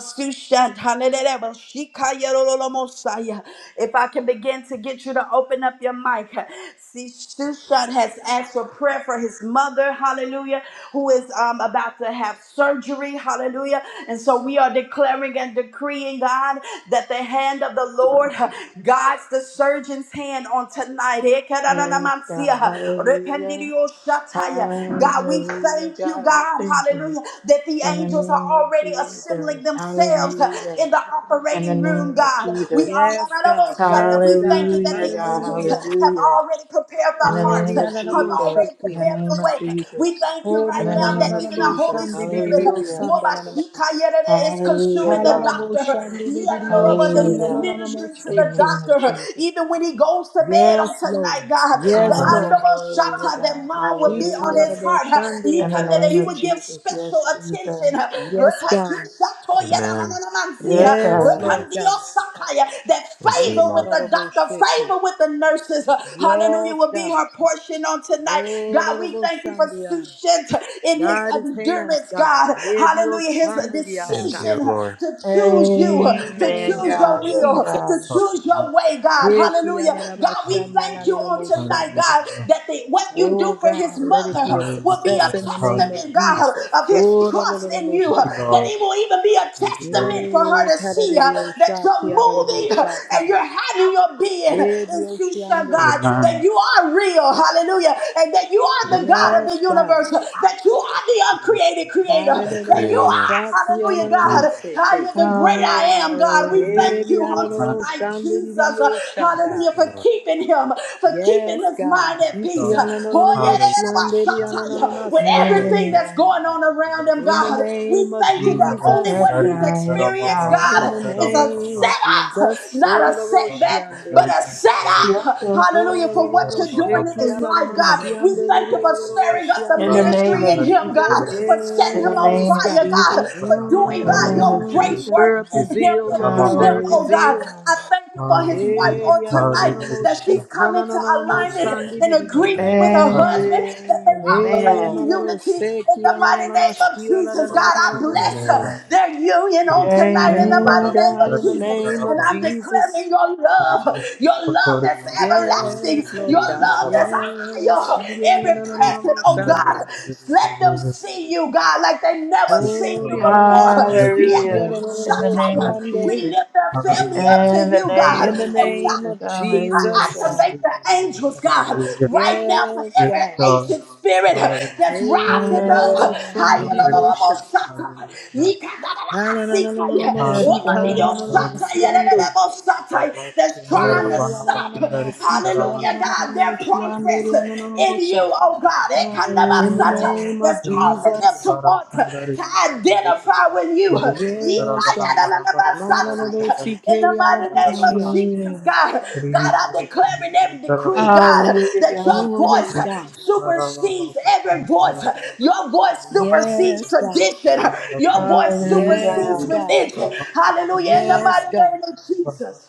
A: Sushant. Hallelujah. Shikayarololomosaya. If I can begin to get you to open up your mic. See, Sushant has asked for prayer for his mother. Hallelujah. Who is um, about to have surgery. Hallelujah. And so so we are declaring and decreeing, God, that the hand of the Lord uh, guides the surgeon's hand on tonight.
C: Yes, God.
A: Ekerananamansia,
C: Hallelujah.
A: rependidioshataya. God, we
C: Hallelujah.
A: thank you,
C: God, we
A: God,
C: thank you
A: hallelujah, that the
C: in the
A: angels are
C: name of
A: already assembling
C: Jesus.
A: themselves uh,
C: Hallelujah.
A: in the
C: In the
A: operating room,
C: name of
A: God. We
C: Jesus.
A: are,
D: Yes, God. Yes,
A: we thank
D: God.
A: you that
C: Hallelujah,
A: the
C: God.
A: angels uh,
D: Hallelujah.
A: have
C: Hallelujah.
A: already prepared the
C: In the
A: hearts,
D: Glory
C: name
A: uh,
C: of
A: have
D: alalabo
A: already
C: Jesus. In the
D: shiki.
A: prepared the
C: name of
A: way.
C: Jesus.
A: We thank you
C: In
D: Glory
A: right
C: the
A: now
C: name
A: that
C: of
A: even the
D: alalabo
A: Holy
C: Jesus.
D: shandi
A: Spirit
D: didio
C: Hallelujah.
D: sandalalama.
A: Wobashikayerere is
C: Hallelujah,
A: consuming the
C: God.
D: Halalabo
A: doctor.
D: shandi didio
A: Yararoroba, That
C: Hallelujah,
A: he's
C: God.
D: sandalalamo
A: ministering to
C: In
A: the
C: the
D: shiki.
C: name of
A: doctor.
C: Jesus.
A: Even when he goes to bed
D: Yes,
A: on
D: Lord.
A: tonight, God, that
D: Yes,
B: Thank
D: Lord.
C: Hallelujah,
A: Andobashata, that
C: God.
A: mom would be on his
C: Hallelujah.
D: Kitalalabo
A: heart.
D: shandi
C: In the
A: Yikande, That
C: name
A: he
C: of
D: alalabasi.
A: would give
C: Jesus.
A: special
C: Yes,
A: attention.
C: Jesus.
D: Yes, God.
A: Repatishato
E: Amen.
A: yedamanamansi.
C: Yes,
D: Yes,
E: Thank
C: God.
E: you.
D: Lord God.
A: Repandiosakaya. That
E: Thank you,
A: favor with
E: Lord.
A: the
D: Nibalalabo
A: doctor,
D: shiki.
A: favor with the nurses. Hallelujah
D: Yes,
A: will be
D: God.
A: her portion on tonight.
D: Oh,
A: God, we thank you for
D: Lord,
A: Sushent in his
D: God is hands,
A: endurance,
D: God.
A: God.
D: Rebio
A: Hallelujah. His
E: Thank
D: Chandidiasa.
E: you,
A: decision
E: Lord.
A: to choose you,
D: In the
A: to
C: Amen,
D: name
A: choose
D: of
A: your
C: God. Yes,
A: will, to
C: God.
D: Jesus.
A: choose
B: you.
A: your way, God. Hallelujah. God, we
B: Hallelujah.
A: thank you on
B: Hallelujah.
A: tonight,
D: Ekiarabashandalarabashanda.
A: God,
B: Hallelujah.
A: that the, what you
D: Oh
A: do for his
D: God, let it be
A: mother
D: a
A: will be a
D: success in the
B: Hallelujah.
D: name of
A: testament,
B: Hallelujah.
A: God,
D: Jesus.
A: of his
D: Oh,
A: trust in you.
B: Thank you,
D: rororoboshata.
A: That
B: Lord.
A: it will even be a
B: Thank you, Lord.
A: testament for
D: Eh,
A: her to see uh, that you're
B: Yes, Lord.
A: moving uh, and
D: kararerioshatiararaboshata.
A: you're having your being in Shusha,
D: Ebioshiande.
A: God,
B: Amen.
A: that you are real. Hallelujah. And that you are
B: Yes,
A: the God. God
B: Lord.
A: of
D: Yes,
A: the
D: God.
A: universe, that you are the
B: Yes,
A: uncreated
B: Lord.
A: creator,
E: The
A: that you
E: Creator.
D: Hallelujah.
A: are, hallelujah,
B: Amen.
A: God, How am the great I am, God. We
C: Hallelujah.
A: thank you on
B: Amen.
A: tonight, Jesus, uh,
B: Yes,
E: Thank
A: hallelujah,
D: Ebiararaboshanda.
E: you,
A: for
B: Lord.
E: Lord.
A: keeping him, for
D: Yes,
A: keeping his
D: God.
A: mind at peace.
B: Lord.
A: Oh, yeah, yeah,
B: Hallelujah.
A: yeah, yeah,
B: Hallelujah.
A: with
D: Itiananananamoshianderianananamasiando.
A: everything that's
B: Hallelujah.
C: Amen.
A: going on
B: Hallelujah.
A: around him,
D: In the
B: Baba.
A: God,
D: name
A: we
D: of
A: thank you that only
C: Yes,
D: Jesus.
A: what he's
B: Varakandari and
C: God.
B: the
C: Yes,
A: experienced,
B: Rababa
C: God.
D: In
A: God,
D: the
B: Shendara
A: is a
D: name
B: Baba.
D: of
A: setup,
D: Jesus.
A: not a setback, but
D: Sorororoshiande.
B: Varakandari
A: a
B: and the Rebbe
C: Yes,
A: setup,
C: God.
A: hallelujah, for
B: and the
A: what
B: Rababa Shendara
A: you're doing in
B: Baba.
A: his life life, God.
C: In
A: We thank you for stirring up the
C: the
D: Ororororoshekialanamasiandeleriorororoshiande.
C: name
A: ministry in
C: of
B: Varakandari
A: him,
B: and the
C: Jesus.
A: God,
B: Rababa.
A: for setting
C: In
A: him
C: the
A: on
C: name
D: Yes,
C: of
D: God.
A: fire, God,
C: Jesus.
A: for doing,
C: In the
A: God,
B: Varakandari
C: name
B: and
A: your
C: of
D: Mm,
B: the Rebbe
A: great
C: Jesus.
A: work
D: stir up your
A: in him
B: and
D: zeal,
B: the
A: and
D: Lord.
A: through him,
D: Stir
B: Rababa.
D: up your
A: oh
C: Hallelujah,
A: God.
D: zeal.
C: God.
A: I thank you for his wife
B: Hallelujah,
A: on tonight that
B: hallelujah.
A: she's come into alignment and
B: Hallelujah,
A: agreement
D: Eriananananamoshikhananananamosandidididiyosha.
A: with her
E: Amen.
B: Vasudha
A: husband that they
B: Karayandaravan.
A: operate
D: Eh,
A: in
C: Amen.
D: malado
A: unity in
D: seki
A: the mighty name of
D: ananamashia
A: Jesus. God, I bless her,
E: Amen.
B: Srinivasundaravan.
A: their union
B: Sri
A: on tonight in the
C: Amen.
D: Mm,
A: mighty name
D: God,
A: of
D: in the
B: Varakandari
A: Jesus.
D: name
A: And
D: of
A: I'm
B: Darabhava.
D: Jesus.
A: declaring your
B: Sri
A: love, your love that's
B: Varshikotori
A: everlasting you.
D: Yes, Lord
A: Your
D: God.
A: love that's
B: Yandaravana.
D: Yes.
A: higher.
D: Siri
B: Sri
A: Every person, oh
B: Sandari
D: ananamamamashande.
A: God, let them
B: Yandaravana.
A: see you, God, like they never
B: Yes,
A: seen you
D: Ori
B: Lord.
A: before.
B: Yes,
A: Yeah.
D: ananamamashiki
B: Lord.
C: Hallelujah. In the
B: Yes,
C: name
A: Satire.
B: Lord.
C: of
A: We
C: Jesus.
A: lift our family up
B: Hallelujah,
C: In
A: to
C: the
A: you,
C: name
A: God.
D: In
B: hallelujah.
D: the
C: of
A: And we
D: name
C: Jesus,
D: of
A: are seek to
D: Jesus.
C: hallelujah, God.
A: activate the
B: Hallelujah,
A: angels, God,
B: hallelujah.
A: right now for
D: Yes,
B: Yes,
A: every
D: God.
B: Lord.
A: ancient spirit that's
B: Hallelujah.
D: Hey,
A: rising up.
D: balado
C: Hallelujah,
D: sondiri
C: Jesus.
D: diosha.
B: Hallelujah,
A: Hayalalalamosata.
B: hallelujah,
A: Yikadalalamasika.
C: Yes, God,
B: hallelujah,
A: Omanidiosata.
B: hallelujah.
A: Yalalalamosata.
B: Baba
A: That's
B: Shendara
A: trying to
D: Eri
B: Bana
A: stop,
B: Bakandari
D: anananamasiki
B: Darabana
A: hallelujah, God, their
D: anananamoshi anderi
A: progress
B: Sri
A: in you,
D: anananamosha.
A: oh God,
C: hallelujah.
D: In
B: Ramana
C: Hallelujah,
D: the
A: Ekanabasata,
C: God.
D: name of
A: that's
B: Sri
A: causing them to
D: Jesus,
A: want to
B: Barakandari
A: identify with you.
B: Sidari
D: yes,
B: Darabana
D: God.
B: Varabara Kadari
A: Ikayadanabasata,
B: Yandari
D: Mananamosiki
A: In the
D: eri
A: mighty name of
D: ananamashia.
B: Darabana
A: Jesus,
C: Hallelujah.
A: God,
B: Sri
A: God, I declare in every decree,
B: Darabana
A: God,
C: Hallelujah,
A: that your
C: God.
D: Oh,
A: voice
D: yes, God.
A: supersedes every voice. Your voice supersedes
D: Yes, God.
A: tradition. Your voice
C: Hallelujah,
D: Yes,
A: supersedes
C: God.
D: God.
A: religion. Hallelujah. In the
D: Yes,
A: mighty
D: God.
A: name of Jesus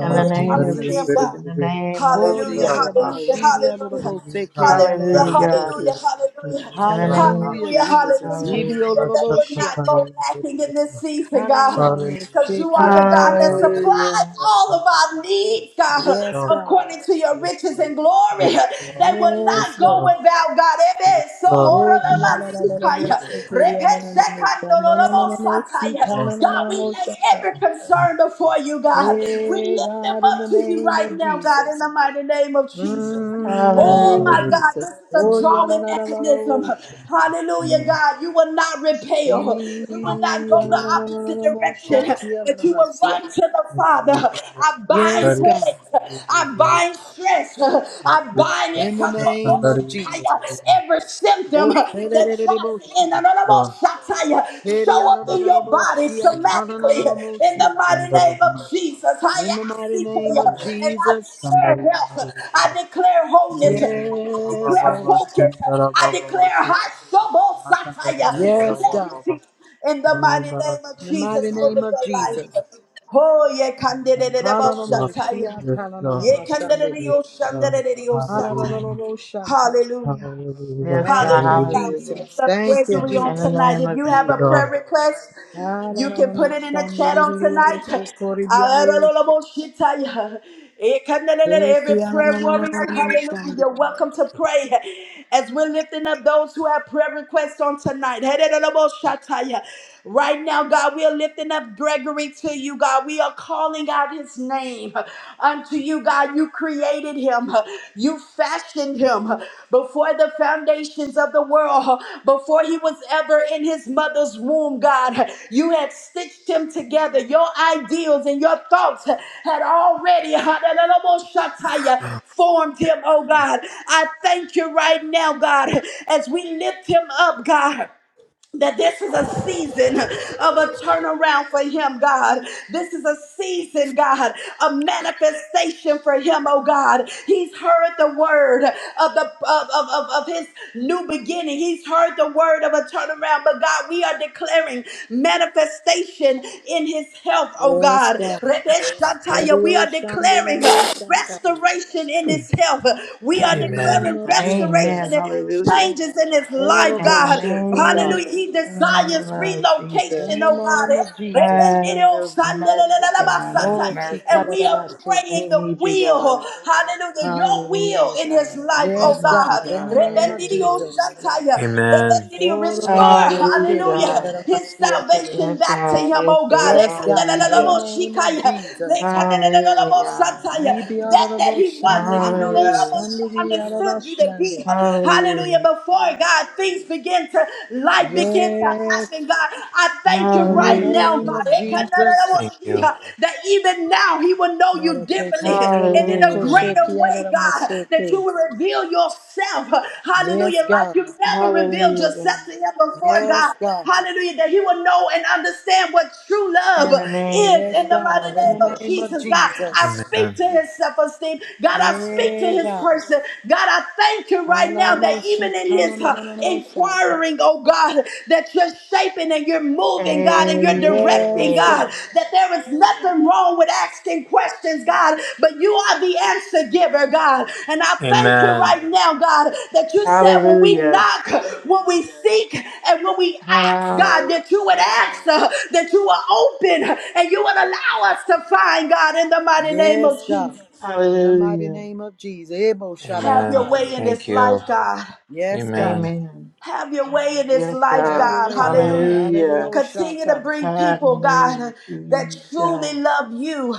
C: In
A: when
C: the
A: it
C: name
A: comes
C: of
A: to them,
D: Jesus.
C: Jesus,
A: God.
C: in the name of
D: Ori
A: Hallelujah,
C: Jesus,
A: hallelujah,
D: ananamashiri
C: hallelujah.
A: hallelujah,
D: ananamosiki eri
A: hallelujah,
C: Hallelujah, God.
D: ananamashiki.
A: hallelujah, hallelujah,
C: In the name of
D: Hallelujah,
A: hallelujah,
C: Jesus,
D: Jesus.
A: hallelujah.
D: Ibi
C: hallelujah.
A: That they would not
D: ananamoshia.
A: go lacking in this season, God, because you are the God that
D: Ha-na-na-na-na-mo-shake-ya-la-la-la-ya.
A: supplies
C: Hallelujah.
A: all of our needs, God,
D: Yes, God.
A: according to your riches and glory. They will
D: Yes,
A: not go
D: Lord.
A: without God. Amen. So, Lord, God, we lay
D: Shake-ya-la-la-la-la-mo-shake-ya-la-la-la-mo-sha-na-na-na-na-mo-sika-na-na-na-na-mo-shaka.
A: every concern concern before you, God. We
D: Hey,
A: lift them
D: God, in the
A: up to you
D: name
A: right
D: of
A: now, God, in
D: Jesus.
A: the mighty name of Jesus.
D: Mm, in the
A: Oh,
D: name
C: Hallelujah.
A: my
D: of
A: God,
D: Jesus.
A: this is a drawing mechanism.
D: Oh-ya-la-la-la-la-la-mo-shake.
A: Hallelujah, God. You will not repel, you will not go the opposite direction, but you will
D: Ee-ya-la-la-la-la-la-mo-shaka-ya-la-la-ma-sia.
A: run to the Father. I bind
D: Yes, God,
A: headaches, I bind stress, I bind it
D: in the name of Jesus.
A: every symptom
D: Oh, da da
A: that
D: da
A: tries
D: da da bo,
A: to
D: sha.
A: end fire
D: In
A: show up in your body
D: the
A: somatically in the mighty name of Jesus. I ask
D: mighty
A: you for
D: name
A: you,
D: of
A: and I
D: Jesus.
A: declare health, I declare wholeness, and I
D: Yes,
A: declare
D: Lord.
A: focus, I declare high shovel satire,
D: Yes, God.
A: clarity in the
B: Darabana
A: mighty name
D: In
A: of
D: the mighty
A: Jesus
D: name
A: over
D: of
A: your
D: Jesus.
B: Darakandari
A: life. Oh, yeah,
B: Amen.
A: candidate.
B: Yes, Lord. Yes, Lord. Yes, Lord. Hallelujah.
A: Hallelujah.
C: Yes,
B: Hallelujah,
C: God,
A: Hallelujah.
D: Thank you,
B: hallelujah,
A: God, we
C: hallelujah.
A: lift
D: Jesus.
A: up
D: Thank you,
A: Gregory on
C: In the
B: hallelujah.
A: tonight.
C: name
D: Jesus.
A: If
C: of
A: you
B: Thank
A: have
B: you,
A: a
B: Lord.
C: Jesus.
A: prayer request, you can put it in the chat on tonight.
D: Yes,
A: Every prayer warrior, hallelujah,
D: God.
A: you're welcome to pray as we're lifting up those who have prayer requests on tonight. Right now, God, we are lifting up Gregory to you, God. We are calling out his name name. Unto you, God, you created him. You fashioned him before the foundations of the world, before he was ever in his mother's womb, God. You had stitched him together. Your ideals and your thoughts had already formed him, oh God. I thank you right now, God, as we lift him up, God that this is a season of a turnaround for him, God. This is a season, God, a manifestation for him, oh God. He's heard the word of the of, of, of, of his new beginning. He's heard the word of a turnaround. But God, we are declaring manifestation in his health, oh God. Rebeshataya, We are declaring
D: Yes, God.
A: restoration in his health. We
D: In
A: are
D: the
E: Amen.
D: name
A: declaring
D: of
C: Amen.
A: restoration
D: Jesus.
A: and
C: Hallelujah.
A: changes in his life,
C: In the
A: God.
D: Eroroboshe, God.
A: Hallelujah. He
C: name
A: desires
C: of Jesus,
D: In
A: relocation,
D: the
A: oh
D: name
A: God.
D: of Jesus.
A: And
C: have mercy, God. Have mercy.
A: we are
D: Mosikadadabashake.
A: praying
C: We
A: the
C: need you,
A: will,
C: God.
A: hallelujah, your will
C: Hallelujah,
A: in his
C: God.
A: life,
C: We
A: oh
D: Yes,
C: need you,
A: God.
D: God. In
C: God.
D: the name of Jesus.
C: Hallelujah, God.
E: Amen.
A: Restore,
C: Hallelujah,
D: Orororoboshe,
A: hallelujah,
C: God.
A: his
D: kiadadabashiatade.
A: salvation
C: Yes,
A: back to
C: God.
A: him,
C: Yes,
A: oh God
C: God.
D: Yes, God. In the
C: Hallelujah.
D: name of Jesus.
C: Hallelujah, God.
A: that that he once
C: Hallelujah.
A: understood you to be.
D: Yibiadadaboshandedidioshandedidiadadashande.
A: Hallelujah.
C: Hallelujah.
A: Before God, things begin to life begin to
D: Yes.
A: happen. God, I thank you
D: In the
A: right
C: Hallelujah,
A: now,
D: name
A: God,
D: of
C: Jesus.
D: Jesus.
E: Thank you.
A: that even now he will know you differently and in
C: Hallelujah,
A: a
D: Marakosodorodobokoshe,
C: God.
A: greater way, God, that you
D: kiadadamashake.
A: will reveal yourself.
D: Yes,
A: Hallelujah. Like
D: God.
A: you've never revealed
C: Hallelujah,
A: yourself
C: God.
A: to him before,
D: Yes,
A: God.
D: God.
A: Hallelujah. That he will know and understand what true love
C: In the
A: is
D: Yes,
A: in the
C: name
A: mighty
D: God.
C: of
D: In
A: name
D: the
C: Jesus.
A: of
D: name of
A: Jesus, God. I
D: Jesus.
A: speak
E: Amen.
A: to his self esteem. God, I speak to
D: Yeah,
A: his
D: God.
A: person. God, I thank you right now that
D: Hallelujah.
A: even in his uh, inquiring, oh God, that you're shaping and you're moving, God, and you're directing,
D: Yes,
A: God,
C: Amen.
D: God.
A: that there is nothing wrong with asking questions, God, but you are the answer giver, God. And I thank you
E: Amen.
A: right now, God, that you said when we
C: Hallelujah.
A: knock, when we seek, and when we ask, God,
C: Hall-
A: that you would answer, that you will open, and you would allow us to find, God, in the mighty name
D: Yes,
A: of
D: God.
A: Jesus.
D: In the mighty
C: Hallelujah.
D: name of Jesus. Ebo
A: Have your
E: Amen.
A: way
D: Shadabahaye.
A: in this
E: Thank you.
A: life, God.
D: Yes, God.
E: Amen.
C: Amen.
A: Have your way in this
C: Yes,
A: life,
D: Have
C: God.
D: your
A: God.
D: way, God.
A: Hallelujah.
D: Hallelujah.
C: Hallelujah.
A: Continue to
D: Shata.
A: bring people,
C: Hallelujah.
A: God, that truly
C: Jesus.
A: love you.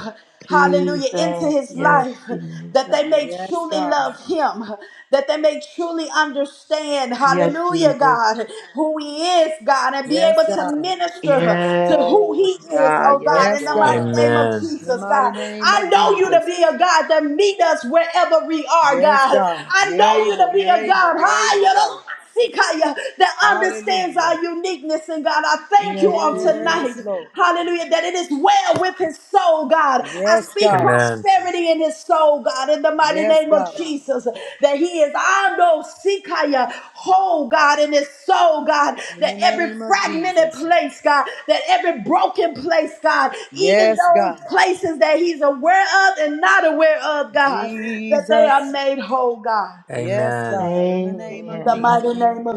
A: Hallelujah. Into
C: Jesus.
A: his life,
C: Yes,
A: that they
C: Jesus.
A: may
D: Yes,
A: truly
D: God.
A: love him, that they may truly understand,
C: Yes,
A: hallelujah,
C: Jesus.
A: God, who he is, God, and be
D: Yes,
A: able to
D: God.
A: minister to who
C: Yes,
A: he is,
C: God.
A: oh
C: Yes,
A: God, in
D: Yes,
A: the
C: God.
A: mighty
D: God.
A: name of
E: Amen.
D: In the
A: Jesus,
D: mighty
A: God.
D: name of
A: I know you
D: Jesus.
A: to be a God that meet us wherever we are,
D: Yes,
A: God.
D: God.
A: I
D: You're
A: know you to
D: able.
A: be
D: You're
A: a
D: able.
A: God.
D: You're able, God.
A: Higher. Sikaya, that understands
D: Hallelujah.
A: our uniqueness. And God, I thank you
C: Yes,
A: on
C: Jesus.
D: Yes,
A: tonight.
D: Lord.
A: Hallelujah. That it is well with his soul, God. I
D: Yes,
A: speak
D: God.
E: Amen.
A: prosperity in his soul, God, in the mighty
D: Yes,
A: name of
D: God.
A: Jesus. That he is I know Sikaya, whole, God, in his soul, God.
D: In
A: That
D: the
A: every
D: name of
A: fragmented
D: Jesus.
A: place, God, that every broken place, God, even
D: Yes,
A: those
D: God.
A: places that he's aware of and not aware of, God, that they are
D: Jesus.
A: made whole, God.
D: Yes,
E: Amen.
D: God. In the name
A: In
D: of
A: the
C: Amen.
A: mighty
D: Jesus.
A: name of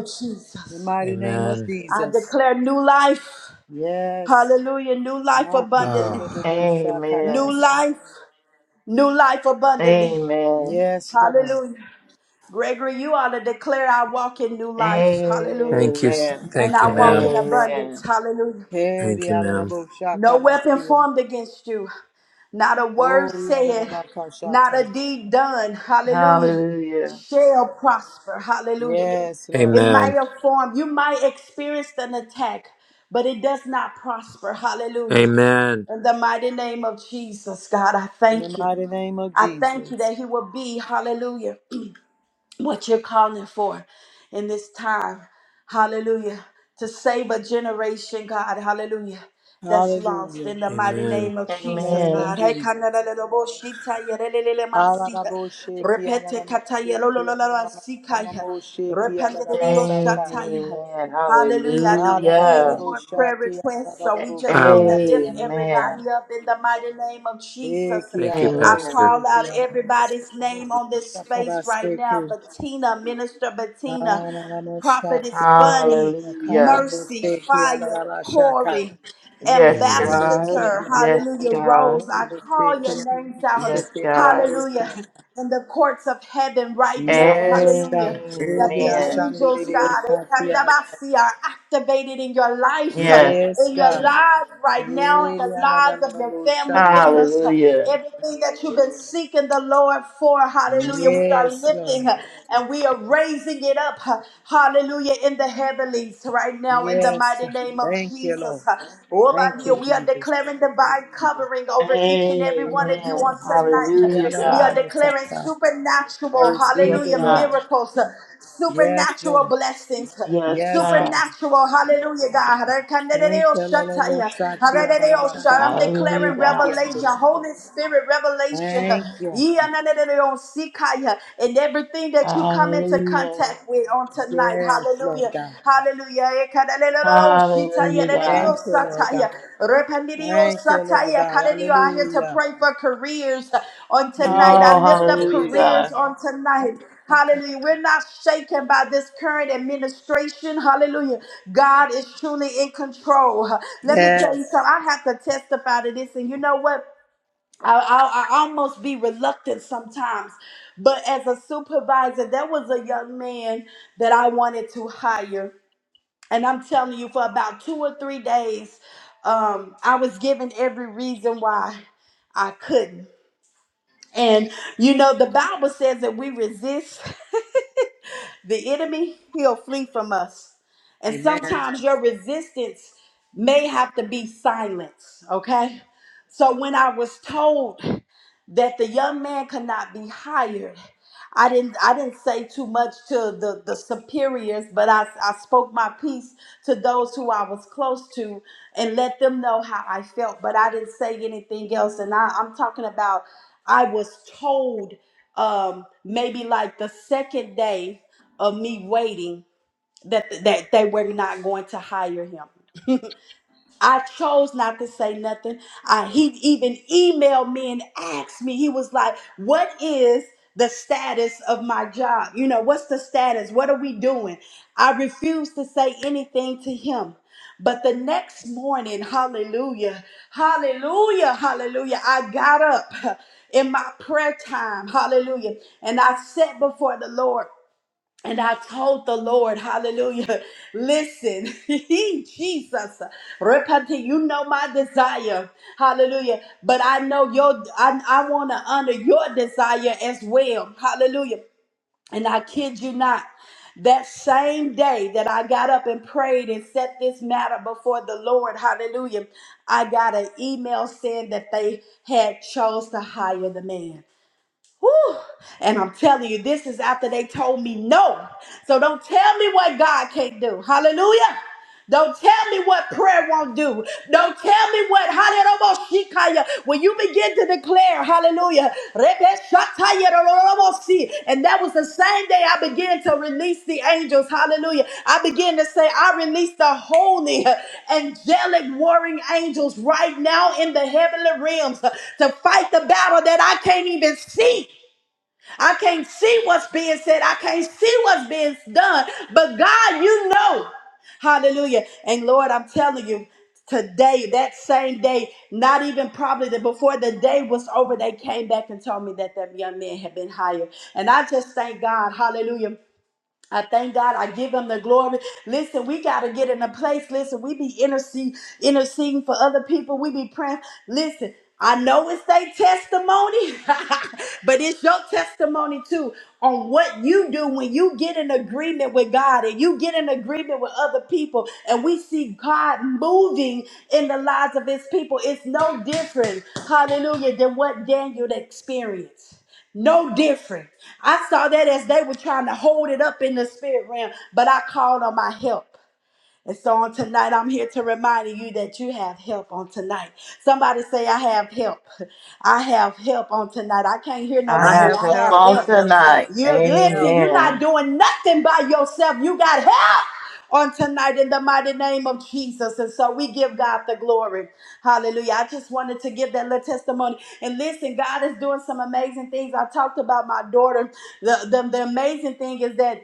D: In the
A: Jesus,
D: mighty name of
E: Amen.
A: I
D: Jesus.
A: declare new life.
D: Yes.
A: Hallelujah. New life
E: Oh,
A: abundantly. New
C: Amen.
D: Nakidododoboshakarabasia.
A: life. New life abundantly.
C: Amen.
D: Yes, Lord.
A: Hallelujah. Gregory, you ought to declare I walk in new life. Hallelujah.
E: thank you. s-
C: Amen.
A: And
E: Thank
A: I
E: you,
A: walk
E: ma'am.
A: in abundance.
C: Amen.
A: Hallelujah.
E: Thank you, ma'am.
A: No weapon
D: Kedialalaboshakabasia.
A: formed against you. Not a word said, not
D: Orialalabakashata.
A: a deed done, hallelujah,
C: Hallelujah.
A: shall prosper, hallelujah.
D: Yes, Lord
A: It
D: God.
A: might
E: Amen.
A: have formed, you might experience an attack, but it does not prosper, hallelujah.
E: Amen.
A: In the mighty name of Jesus, God, I
D: In the
A: thank you.
D: mighty name of
A: I thank you
D: Jesus.
A: that He will be, hallelujah what you're calling for in this time. Hallelujah. To save a generation, God. Hallelujah. That's lost
D: Hallelujah.
A: in the mighty
E: Amen.
A: name of
D: In the
A: Jesus,
D: name of
A: God.
C: Amen.
A: Hey,
D: Jesus.
A: kanalalaboshita yerelelelemasia.
D: Alalaboseki,
A: Repete kataya
D: alalamaseki,
A: lolololoasikaya.
D: alalalalamamamoseki, alalabasata.
A: Repanderioshataya.
C: Amen.
A: Hallelujah. I don't see any
C: Hallelujah.
A: more prayer
D: Alalalaboshaki,
A: requests, so we just going
E: Um,
A: to
D: alalalabokoshati,
A: lift
C: Amen.
D: alalabosha-
A: everybody up in the mighty name of Jesus.
D: Eki,
E: thank you,
A: I
E: Pastor.
C: Amen.
A: call
D: alalaboseki,
A: out everybody's name on this space right now.
D: alalaboshakaraseki.
A: Bettina, Minister Bettina,
D: Alalamoshaki,
A: Prophetess Bunny,
C: Hallelujah.
A: Mercy,
D: alalabakalalaboseki,
A: Fire,
D: alalabashaka.
A: Corey,
C: Yes,
E: Amen.
D: Eki,
C: God.
A: Ambassador,
C: Yes,
A: Hallelujah, Rose.
C: God.
D: alalalalamamamoseki,
A: I call
D: alalaboseki,
A: your names out.
C: Yes, God.
D: alalabosha.
A: Hallelujah in the courts of heaven right now.
D: Yes, God.
A: Hallelujah. That
D: Maybe I
A: the
D: shall
C: Amen.
D: do the
A: angels,
D: deal,
A: God,
D: shall see another.
A: Ekandabasi, are activated in your life, uh,
C: Yes.
D: Yes,
A: in your
D: God.
A: lives right now, in
D: Maybe
A: the lives
D: another
A: of your
D: number
A: family
D: shall do
A: members.
D: the
A: uh,
D: other.
C: Hallelujah.
A: Everything that you've been seeking the Lord for, hallelujah, we are
D: Yes, Lord.
A: lifting uh, and we are raising it up, uh, hallelujah, in the heavenlies right now, in the
D: Yes,
A: mighty
D: God.
A: name of
D: Thank you, Lord.
A: Jesus. uh. Oh, my
D: Thank you,
A: dear, we are
D: Jesus.
A: declaring divine covering over each and every
D: Na na
A: one
D: na
A: of
D: na
A: you
D: na
C: Amen.
A: on
D: mo
A: tonight.
D: saki
C: Hallelujah,
D: ana na
A: We
D: na
A: are
C: God.
D: mo
A: declaring
D: sata. I
A: supernatural,
C: Yes,
D: receive it,
A: hallelujah,
D: Lord.
C: God.
A: miracles,
D: Yes,
A: supernatural
D: Lord.
A: blessings.
C: Yes,
D: Yes,
C: God.
D: God.
A: Supernatural, hallelujah, God.
D: Thank
A: Rekandereo
D: you, Lord. Lord, Lord,
A: shataya,
D: Shati,
A: harereo shat- I'm
D: Arabasata,
C: Hallelujah,
A: declaring
C: God.
A: revelation,
D: Arabasiando.
A: Holy Spirit revelation.
D: Thank you.
A: Iyanandereo sikaya. And everything that you come into into
C: Hallelujah.
A: contact with on tonight.
D: Yes, Lord
A: Hallelujah.
D: God.
A: Hallelujah. Ekalelelelo,
C: Hallelujah, God.
A: shitayelelelio,
D: Thank you, Lord God.
A: sataya. Repandidio,
D: Thank you, Lord
A: sataya.
D: God.
A: Kalelio. I'm here to
D: Hallelujah.
A: pray for careers on tonight.
C: Oh,
A: I lift up
C: hallelujah,
A: careers
C: God.
A: on tonight. Hallelujah. We're not shaken by this current administration. Hallelujah. God is truly in control. Let me tell you something.
D: Yes.
A: I have to testify to this. And you know what? I, I, I almost be reluctant sometimes, but as a supervisor, there was a young man that I wanted to hire, and I'm telling you, for about two or three days, um, I was given every reason why I couldn't. And you know, the Bible says that we resist the enemy, he'll flee from us. And
D: Amen.
A: sometimes your resistance may have to be silence, okay? So when I was told that the young man could not be hired. I didn't I didn't say too much to the, the superiors, but I, I spoke my piece to those who I was close to and let them know how I felt, but I didn't say anything else. And I, I'm talking about I was told um, maybe like the second day of me waiting that that they were not going to hire him. I chose not to say nothing. I, he even emailed me and asked me. He was like, "What is the status of my job? You know, what's the status? What are we doing?" I refused to say anything to him. But the next morning, hallelujah, hallelujah, hallelujah, I got up in my prayer time, hallelujah, and I sat before the Lord and I told the Lord, hallelujah, listen, Jesus, repent, you know my desire, hallelujah. But I know your, I, I want to honor your desire as well, hallelujah. And I kid you not, that same day that I got up and prayed and set this matter before the Lord, hallelujah, I got an email saying that they had chose to hire the man. Whew. And I'm telling you, this is after they told me no. So don't tell me what God can't do. Hallelujah. Don't tell me what prayer won't do. Don't tell me what hallelujah. When you begin to declare, hallelujah, Rebeshatayerororobosi. and that was the same day I began to release the angels, hallelujah. I began to say, I release the holy angelic warring angels right now in the heavenly realms to fight the battle that I can't even see. I can't see what's being said. I can't see what's being done. But God, you know. Hallelujah. And Lord, I'm telling you, today, that same day, not even probably the, before the day was over, they came back and told me that that young man had been hired. And I just thank God. Hallelujah. I thank God. I give him the glory. Listen, we got to get in a place. Listen, we be intercede, interceding for other people. We be praying. Listen, I know it's their testimony, but it's your testimony too on what you do when you get in agreement with God and you get in agreement with other people and we see God moving in the lives of his people. It's no different, hallelujah, than what Daniel experienced. No different. I saw that as they were trying to hold it up in the spirit realm, but I called on my help. And so on tonight, I'm here to remind you that you have help on tonight. Somebody say, I have help. I have help on tonight. I can't hear
C: I
D: I
A: nobody.
C: have
D: have
A: I
C: help
A: have
D: help.
C: on
D: I
A: help.
D: have help.
C: tonight.
A: You
D: I have
A: listen,
D: help.
A: you're not
C: Amen.
A: doing nothing by yourself. You got help on tonight in the mighty name of Jesus. And so we give God the glory. Hallelujah. I just wanted to give that little testimony. And listen, God is doing some amazing things. I talked about my daughter. The, the, the amazing thing is that,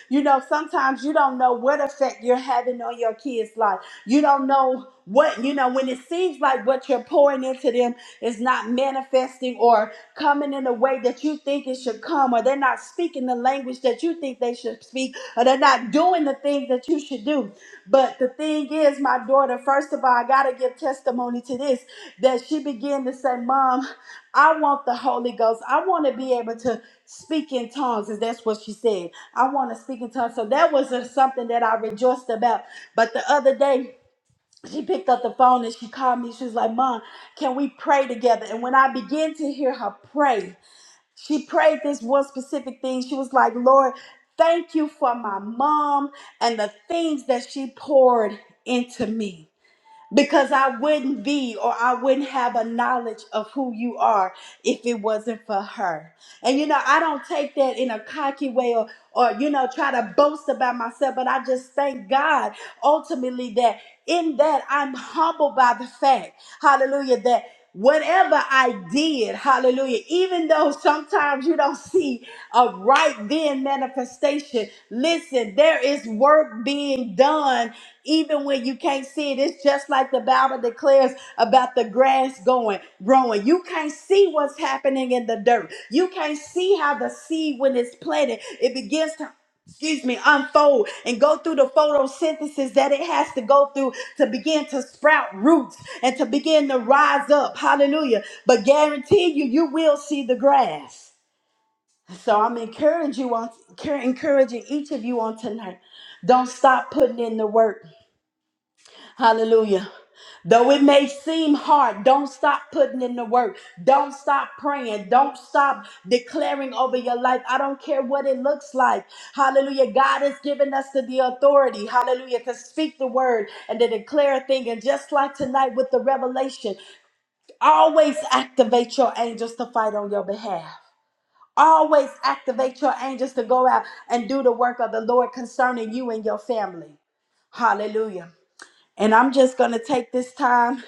A: you know, sometimes you don't know what effect you're having on your kids' life. You don't know what you know when it seems like what you're pouring into them is not manifesting or coming in a way that you think it should come or they're not speaking the language that you think they should speak or they're not doing the things that you should do but the thing is my daughter first of all i gotta give testimony to this that she began to say mom i want the holy ghost i want to be able to speak in tongues and that's what she said i want to speak in tongues so that was uh, something that i rejoiced about but the other day she picked up the phone and she called me. She was like, Mom, can we pray together? And when I began to hear her pray, she prayed this one specific thing. She was like, Lord, thank you for my mom and the things that she poured into me because I wouldn't be or I wouldn't have a knowledge of who you are if it wasn't for her. And you know, I don't take that in a cocky way or or you know try to boast about myself, but I just thank God ultimately that in that I'm humbled by the fact, hallelujah, that whatever I did, hallelujah, even though sometimes you don't see a right then manifestation, listen, there is work being done even when you can't see it it's just like the bible declares about the grass going growing you can't see what's happening in the dirt you can't see how the seed when it's planted it begins to excuse me unfold and go through the photosynthesis that it has to go through to begin to sprout roots and to begin to rise up hallelujah but guarantee you you will see the grass so i'm encouraging you on encouraging each of you on tonight don't stop putting in the work Hallelujah. Though it may seem hard, don't stop putting in the work. Don't stop praying. Don't stop declaring over your life. I don't care what it looks like. Hallelujah. God has given us the, the authority, hallelujah, to speak the word and to declare a thing. And just like tonight with the revelation, always activate your angels to fight on your behalf. Always activate your angels to go out and do the work of the Lord concerning you and your family. Hallelujah. And I'm just going to take this time.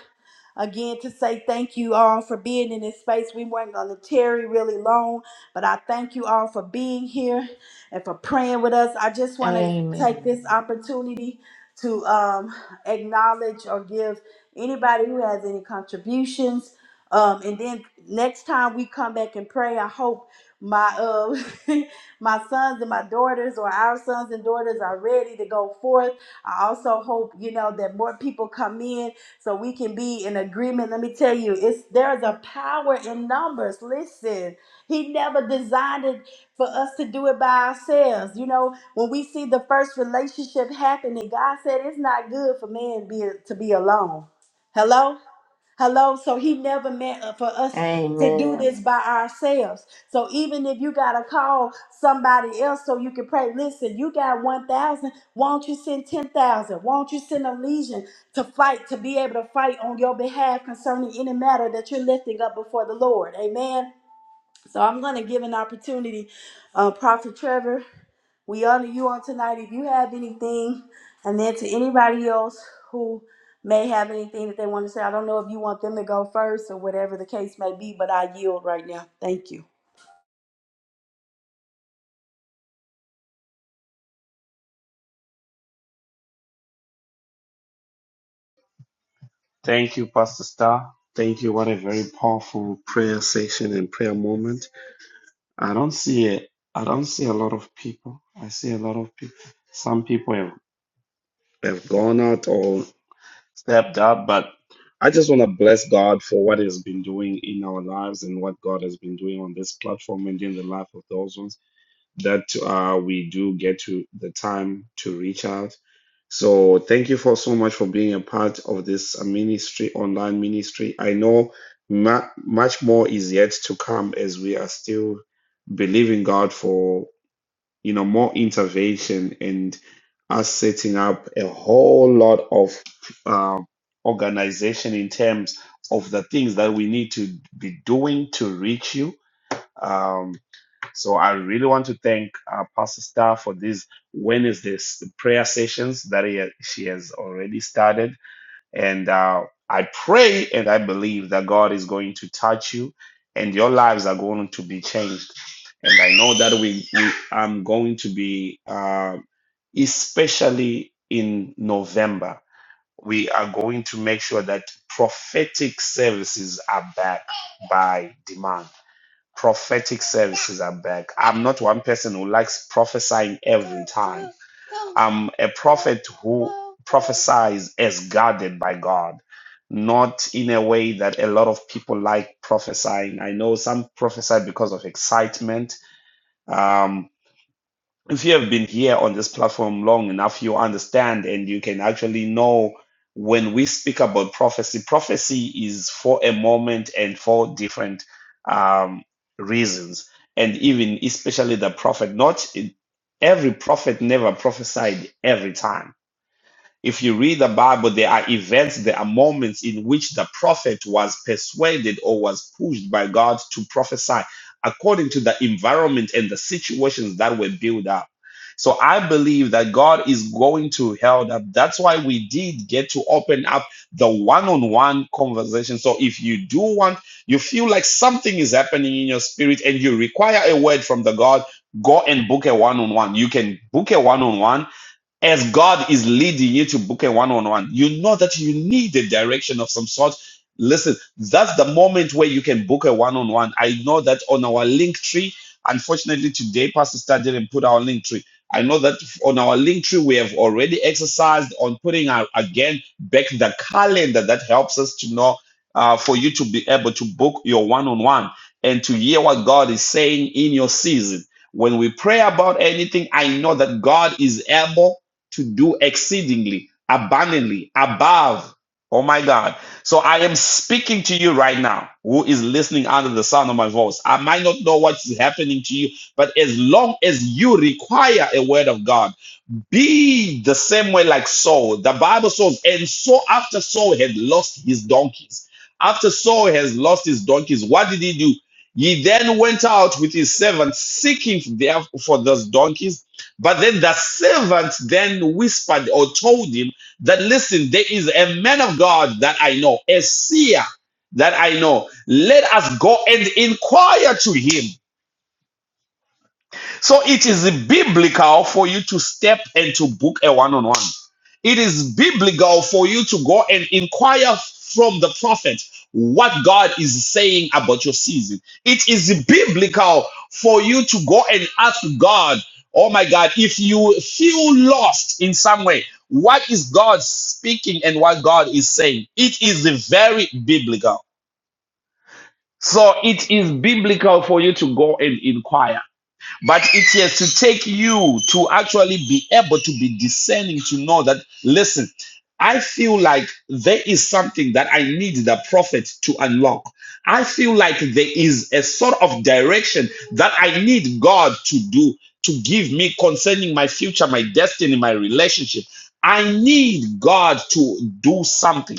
A: Again, to say thank you all for being in this space. We weren't going to tarry really long, but I thank you all for being here and for praying with us. I just want to take
C: Amen.
A: this opportunity to um, acknowledge or give anybody who has any contributions. Um, and then next time we come back and pray, I hope my uh, my sons and my daughters or our sons and daughters are ready to go forth. I also hope you know that more people come in so we can be in agreement. Let me tell you, it's there's a power in numbers. Listen, he never designed it for us to do it by ourselves. You know, when we see the first relationship happening, God said it's not good for man be, to be alone. Hello? Hello. So he never meant uh, for us to do
C: Amen.
A: this by ourselves. So even if you got to call somebody else so you can pray, listen, you got 1,000. Won't you send 10,000? Won't you send a legion to fight, to be able to fight on your behalf concerning any matter that you're lifting up before the Lord? Amen. So I'm going to give an opportunity, uh, Prophet Trevor. We honor you on tonight. If you have anything, and then to anybody else who may have anything that they want to say, I don't know if you want them to go first or whatever the case may be, but I yield right now. Thank you.
F: Thank you, Pastor Star. Thank you. What a very powerful prayer session and prayer moment. I don't see it. I don't see a lot of people. I see a lot of people. Some people have, have gone out or stepped up, but I just want to bless God for what He's been doing in our lives and what God has been doing on this platform and in the life of those ones that uh, we do get to the time to reach out. So thank you for so much for being a part of this uh, ministry, online ministry. I know ma- much more is yet to come as we are still believing God for you know more intervention and us setting up a whole lot of uh, organization in terms of the things that we need to be doing to reach you. Um, so I really want to thank uh, Pastor Star for these Wednesdays prayer sessions that he, she has already started. And uh, I pray and I believe that God is going to touch you and your lives are going to be changed. And I know that we, we I'm going to be, uh, especially in November, we are going to make sure that prophetic services are back by demand prophetic services are back. I'm not one person who likes prophesying every time. I'm a prophet who prophesies as guided by God, not in a way that a lot of people like prophesying. I know some prophesy because of excitement. Um, if you have been here on this platform long enough, you understand and you can actually know when we speak about prophecy, prophecy is for a moment and for different um, reasons. And even especially the prophet, not every prophet never prophesied every time if you read the Bible, there are events, there are moments in which the prophet was persuaded or was pushed by God to prophesy according to the environment and the situations that were built up. So I believe that God is going to help. up. That's why we did get to open up the one-on-one conversation. So if you do want, you feel like something is happening in your spirit and you require a word from the God, go and book a one-on-one. You can book a one-on-one as God is leading you to book a one-on-one, you know that you need a direction of some sort. Listen, that's the moment where you can book a one-on-one. I know that on our link tree, unfortunately today Pastor Star didn't put our link tree. I know that on our link tree we have already exercised on putting our, again back the calendar that helps us to know uh, for you to be able to book your one-on-one and to hear what God is saying in your season. When we pray about anything, I know that God is able to do exceedingly, abundantly, above. Oh my God. So I am speaking to you right now, who is listening under the sound of my voice. I might not know what's happening to you, but as long as you require a word of God, be the same way like Saul. The Bible says, and so after Saul had lost his donkeys, after Saul has lost his donkeys, what did he do? He then went out with his servant seeking there for those donkeys. But then the servant then whispered or told him that, listen, there is a man of God that I know, a seer that I know. Let us go and inquire to him. So it is biblical for you to step and to book a one on one. It is biblical for you to go and inquire from the prophet what God is saying about your season. It is biblical for you to go and ask God, oh my God, if you feel lost in some way, what is God speaking and what God is saying? It is very biblical. So it is biblical for you to go and inquire. But it is to take you to actually be able to be discerning to know that, listen, I feel like there is something that I need the prophet to unlock. I feel like there is a sort of direction that I need God to do, to give me concerning my future, my destiny, my relationship. I need God to do something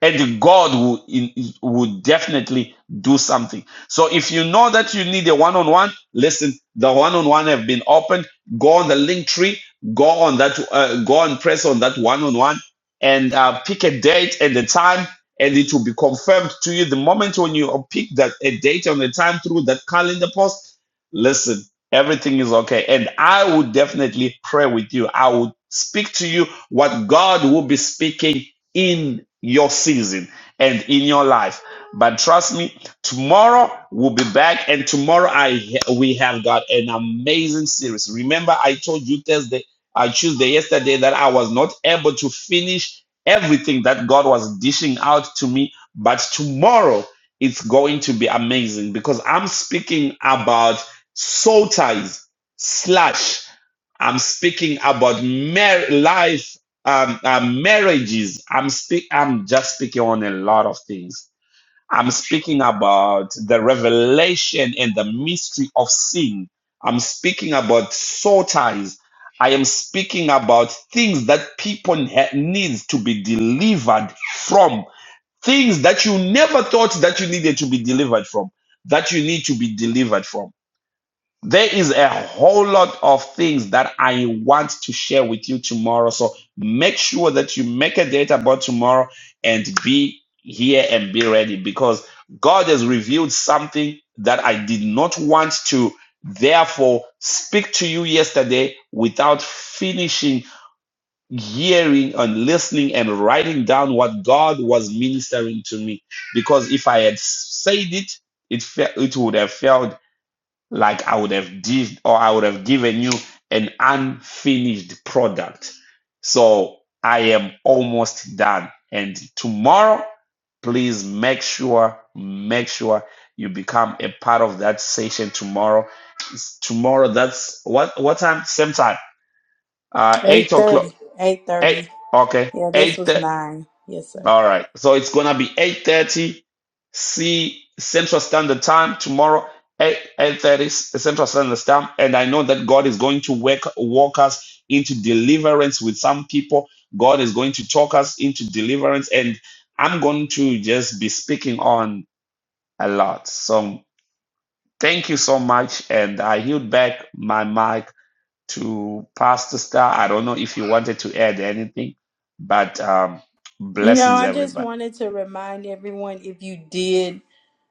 F: and God will in- will definitely do something. So if you know that you need a one-on-one, listen. The one-on-one have been opened. Go on the link tree. Go on that. Uh, go and press on that one-on-one and uh, pick a date and a time, and it will be confirmed to you the moment when you pick that a date and a time through that calendar post. Listen, everything is okay, and I would definitely pray with you. I would speak to you what God will be speaking in your season and in your life. But trust me, tomorrow we'll be back, and tomorrow I we have got an amazing series. Remember, I told you Thursday, uh, Tuesday, yesterday that I was not able to finish everything that God was dishing out to me. But tomorrow it's going to be amazing because I'm speaking about soul ties slash I'm speaking about mar- life, um, uh, marriages. I'm speak. I'm just speaking on a lot of things. I'm speaking about the revelation and the mystery of sin. I'm speaking about soul ties. I am speaking about things that people ha- needs to be delivered from. Things that you never thought that you needed to be delivered from. That you need to be delivered from. There is a whole lot of things that I want to share with you tomorrow. So make sure that you make a date about tomorrow and be here and be ready because God has revealed something that I did not want to therefore speak to you yesterday without finishing hearing and listening and writing down what God was ministering to me because if I had said it it fe- it would have failed like I would have did or I would have given you an unfinished product. So I am almost done. And tomorrow, please make sure, make sure you become a part of that session tomorrow. It's tomorrow, that's what what time? Same time. Uh eight o'clock.
A: 8.30
F: Eight
A: 8.30
F: okay.
A: yeah this was
F: eight.
A: 9 yes sir
F: All right. So it's gonna be 8:30 C Central Standard Time tomorrow. 8:30 Central Standard Time. And I know that God is going to work walk us into deliverance with some people. God is going to talk us into deliverance. And I'm going to just be speaking on a lot. So thank you so much. And I yield back my mic to Pastor Star. I don't know if you wanted to add anything, but um
A: no
F: blessings
A: i just
F: everybody.
A: wanted to remind everyone if you did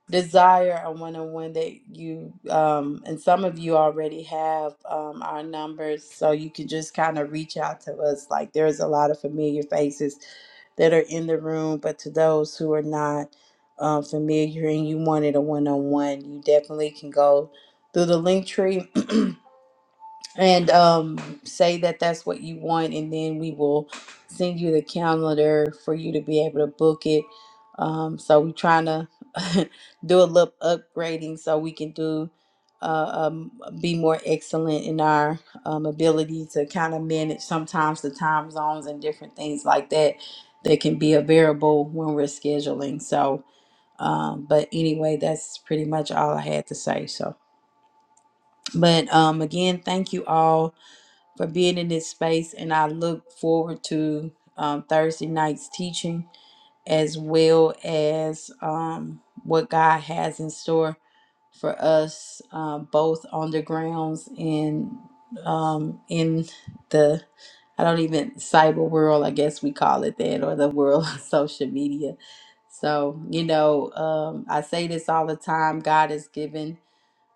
A: desire. I want to one that you um, and some of you already have um, our numbers, so you can just kind of reach out to us. Like there's a lot of familiar faces that are in the room, but to those who are not um, familiar and you wanted a one on one, you definitely can go through the link tree and um, say that that's what you want, and then we will send you the calendar for you to be able to book it. Um, so we're trying to do a little upgrading so we can do uh, um, be more excellent in our um, ability to kind of manage sometimes the time zones and different things like that that can be a variable when we're scheduling. So, um, but anyway, that's pretty much all I had to say. So, but um, again, thank you all for being in this space. And I look forward to um, Thursday night's teaching as well as um, what God has in store for us, uh, both on the grounds and um, in the, I don't even, cyber world, I guess we call it that, or the world of social media. So, you know, um, I say this all the time God has given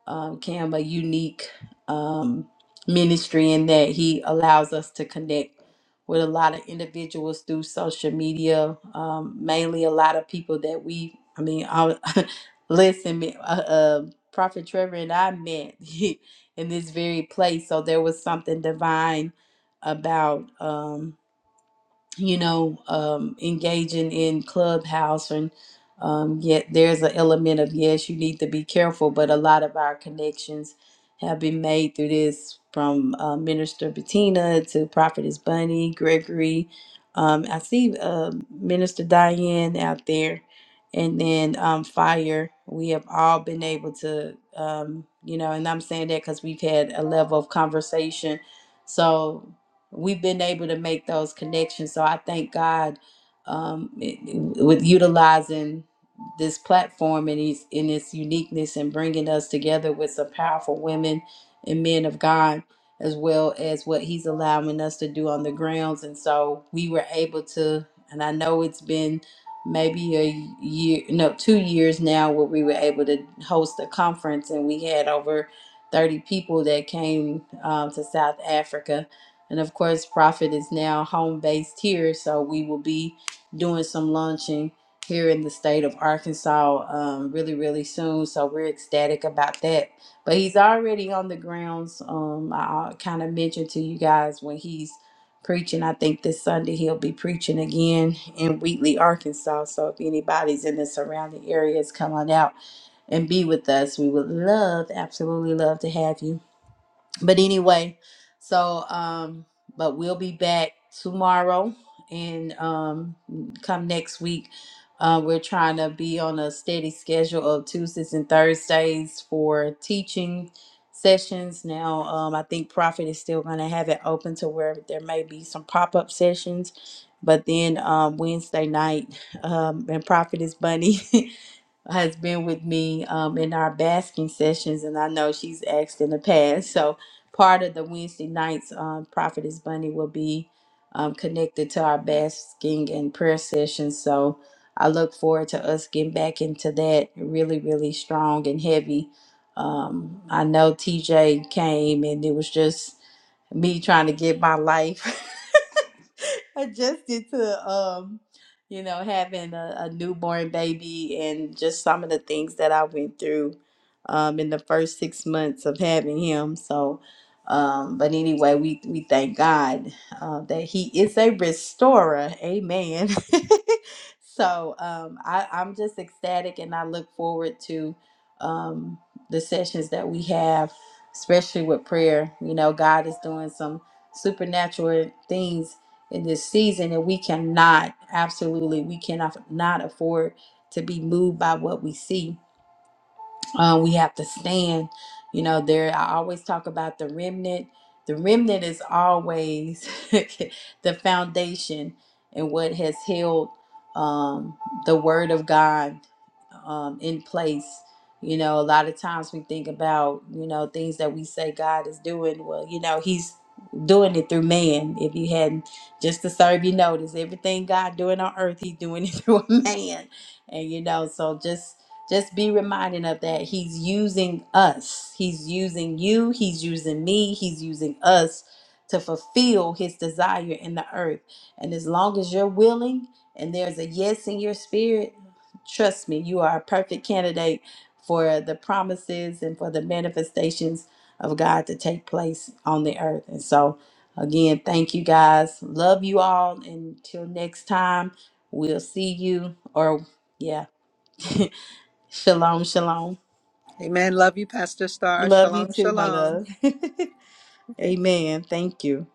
A: um, Cam a unique um, ministry in that he allows us to connect with a lot of individuals through social media, um, mainly a lot of people that we, I mean, I, listen, me- uh, uh, Prophet Trevor and I met in this very place. So there was something divine about. Um, you know, um, engaging in clubhouse and um, yet there's an element of yes, you need to be careful. But a lot of our connections have been made through this, from uh, Minister Bettina to Prophetess Bunny Gregory. Um, I see uh, Minister Diane out there, and then um, Fire. We have all been able to, um, you know, and I'm saying that because we've had a level of conversation. So we've been able to make those connections. So I thank God um, it- with utilizing this platform and its in its uniqueness and bringing us together with some powerful women and men of God, as well as what He's allowing us to do on the grounds. And so we were able to, and I know it's been maybe a year, no, two years now, where we were able to host a conference and we had over. 30 people that came um, to South Africa and of course, Prophet is now home based here, so we will be doing some launching here in the state of Arkansas um, really, really soon. So we're ecstatic about that. But he's already on the grounds. Um, I kind of mentioned to you guys when he's preaching. I think this Sunday he'll be preaching again in Wheatley, Arkansas. So if anybody's in the surrounding areas, come on out and be with us. We would love, absolutely love to have you but anyway, so um, but we'll be back tomorrow and um, come next week. Uh, we're trying to be on a steady schedule of Tuesdays and Thursdays for teaching sessions. Now, um, I think Prophet is still going to have it open to where there may be some pop up sessions. But then um, Wednesday night, um, and Prophet is Bunny. has been with me um, in our basking sessions, and I know she's asked in the past. So part of the Wednesday nights, um, Prophetess Bunny will be um, connected to our basking and prayer sessions. So I look forward to us getting back into that really, really strong and heavy. Um, I know TJ came, and it was just me trying to get my life adjusted to. Um, you know, having a, a newborn baby and just some of the things that I went through um, in the first six months of having him. So, um, but anyway, we, we thank God uh, that He is a restorer. Amen. so um, I, I'm just ecstatic and I look forward to um, the sessions that we have, especially with prayer. You know, God is doing some supernatural things in this season and we cannot absolutely we cannot not afford to be moved by what we see um, we have to stand. You know, there I always talk about the remnant. The remnant is always the foundation and what has held um, the word of God um, in place. You know, a lot of times we think about, you know, things that we say God is doing. Well, you know, He's doing it through man. If you hadn't just to serve you notice, everything God doing on earth, He's doing it through a man. And you know, so just just be reminded of that he's using us he's using you he's using me he's using us to fulfill his desire in the earth and as long as you're willing and there's a yes in your spirit trust me you are a perfect candidate for the promises and for the manifestations of god to take place on the earth and so again thank you guys love you all until next time we'll see you or yeah Shalom, shalom.
D: Amen. Love you, Pastor Star.
A: Love you
D: Shalom,
A: too, my
D: shalom.
A: love. Amen. Thank you.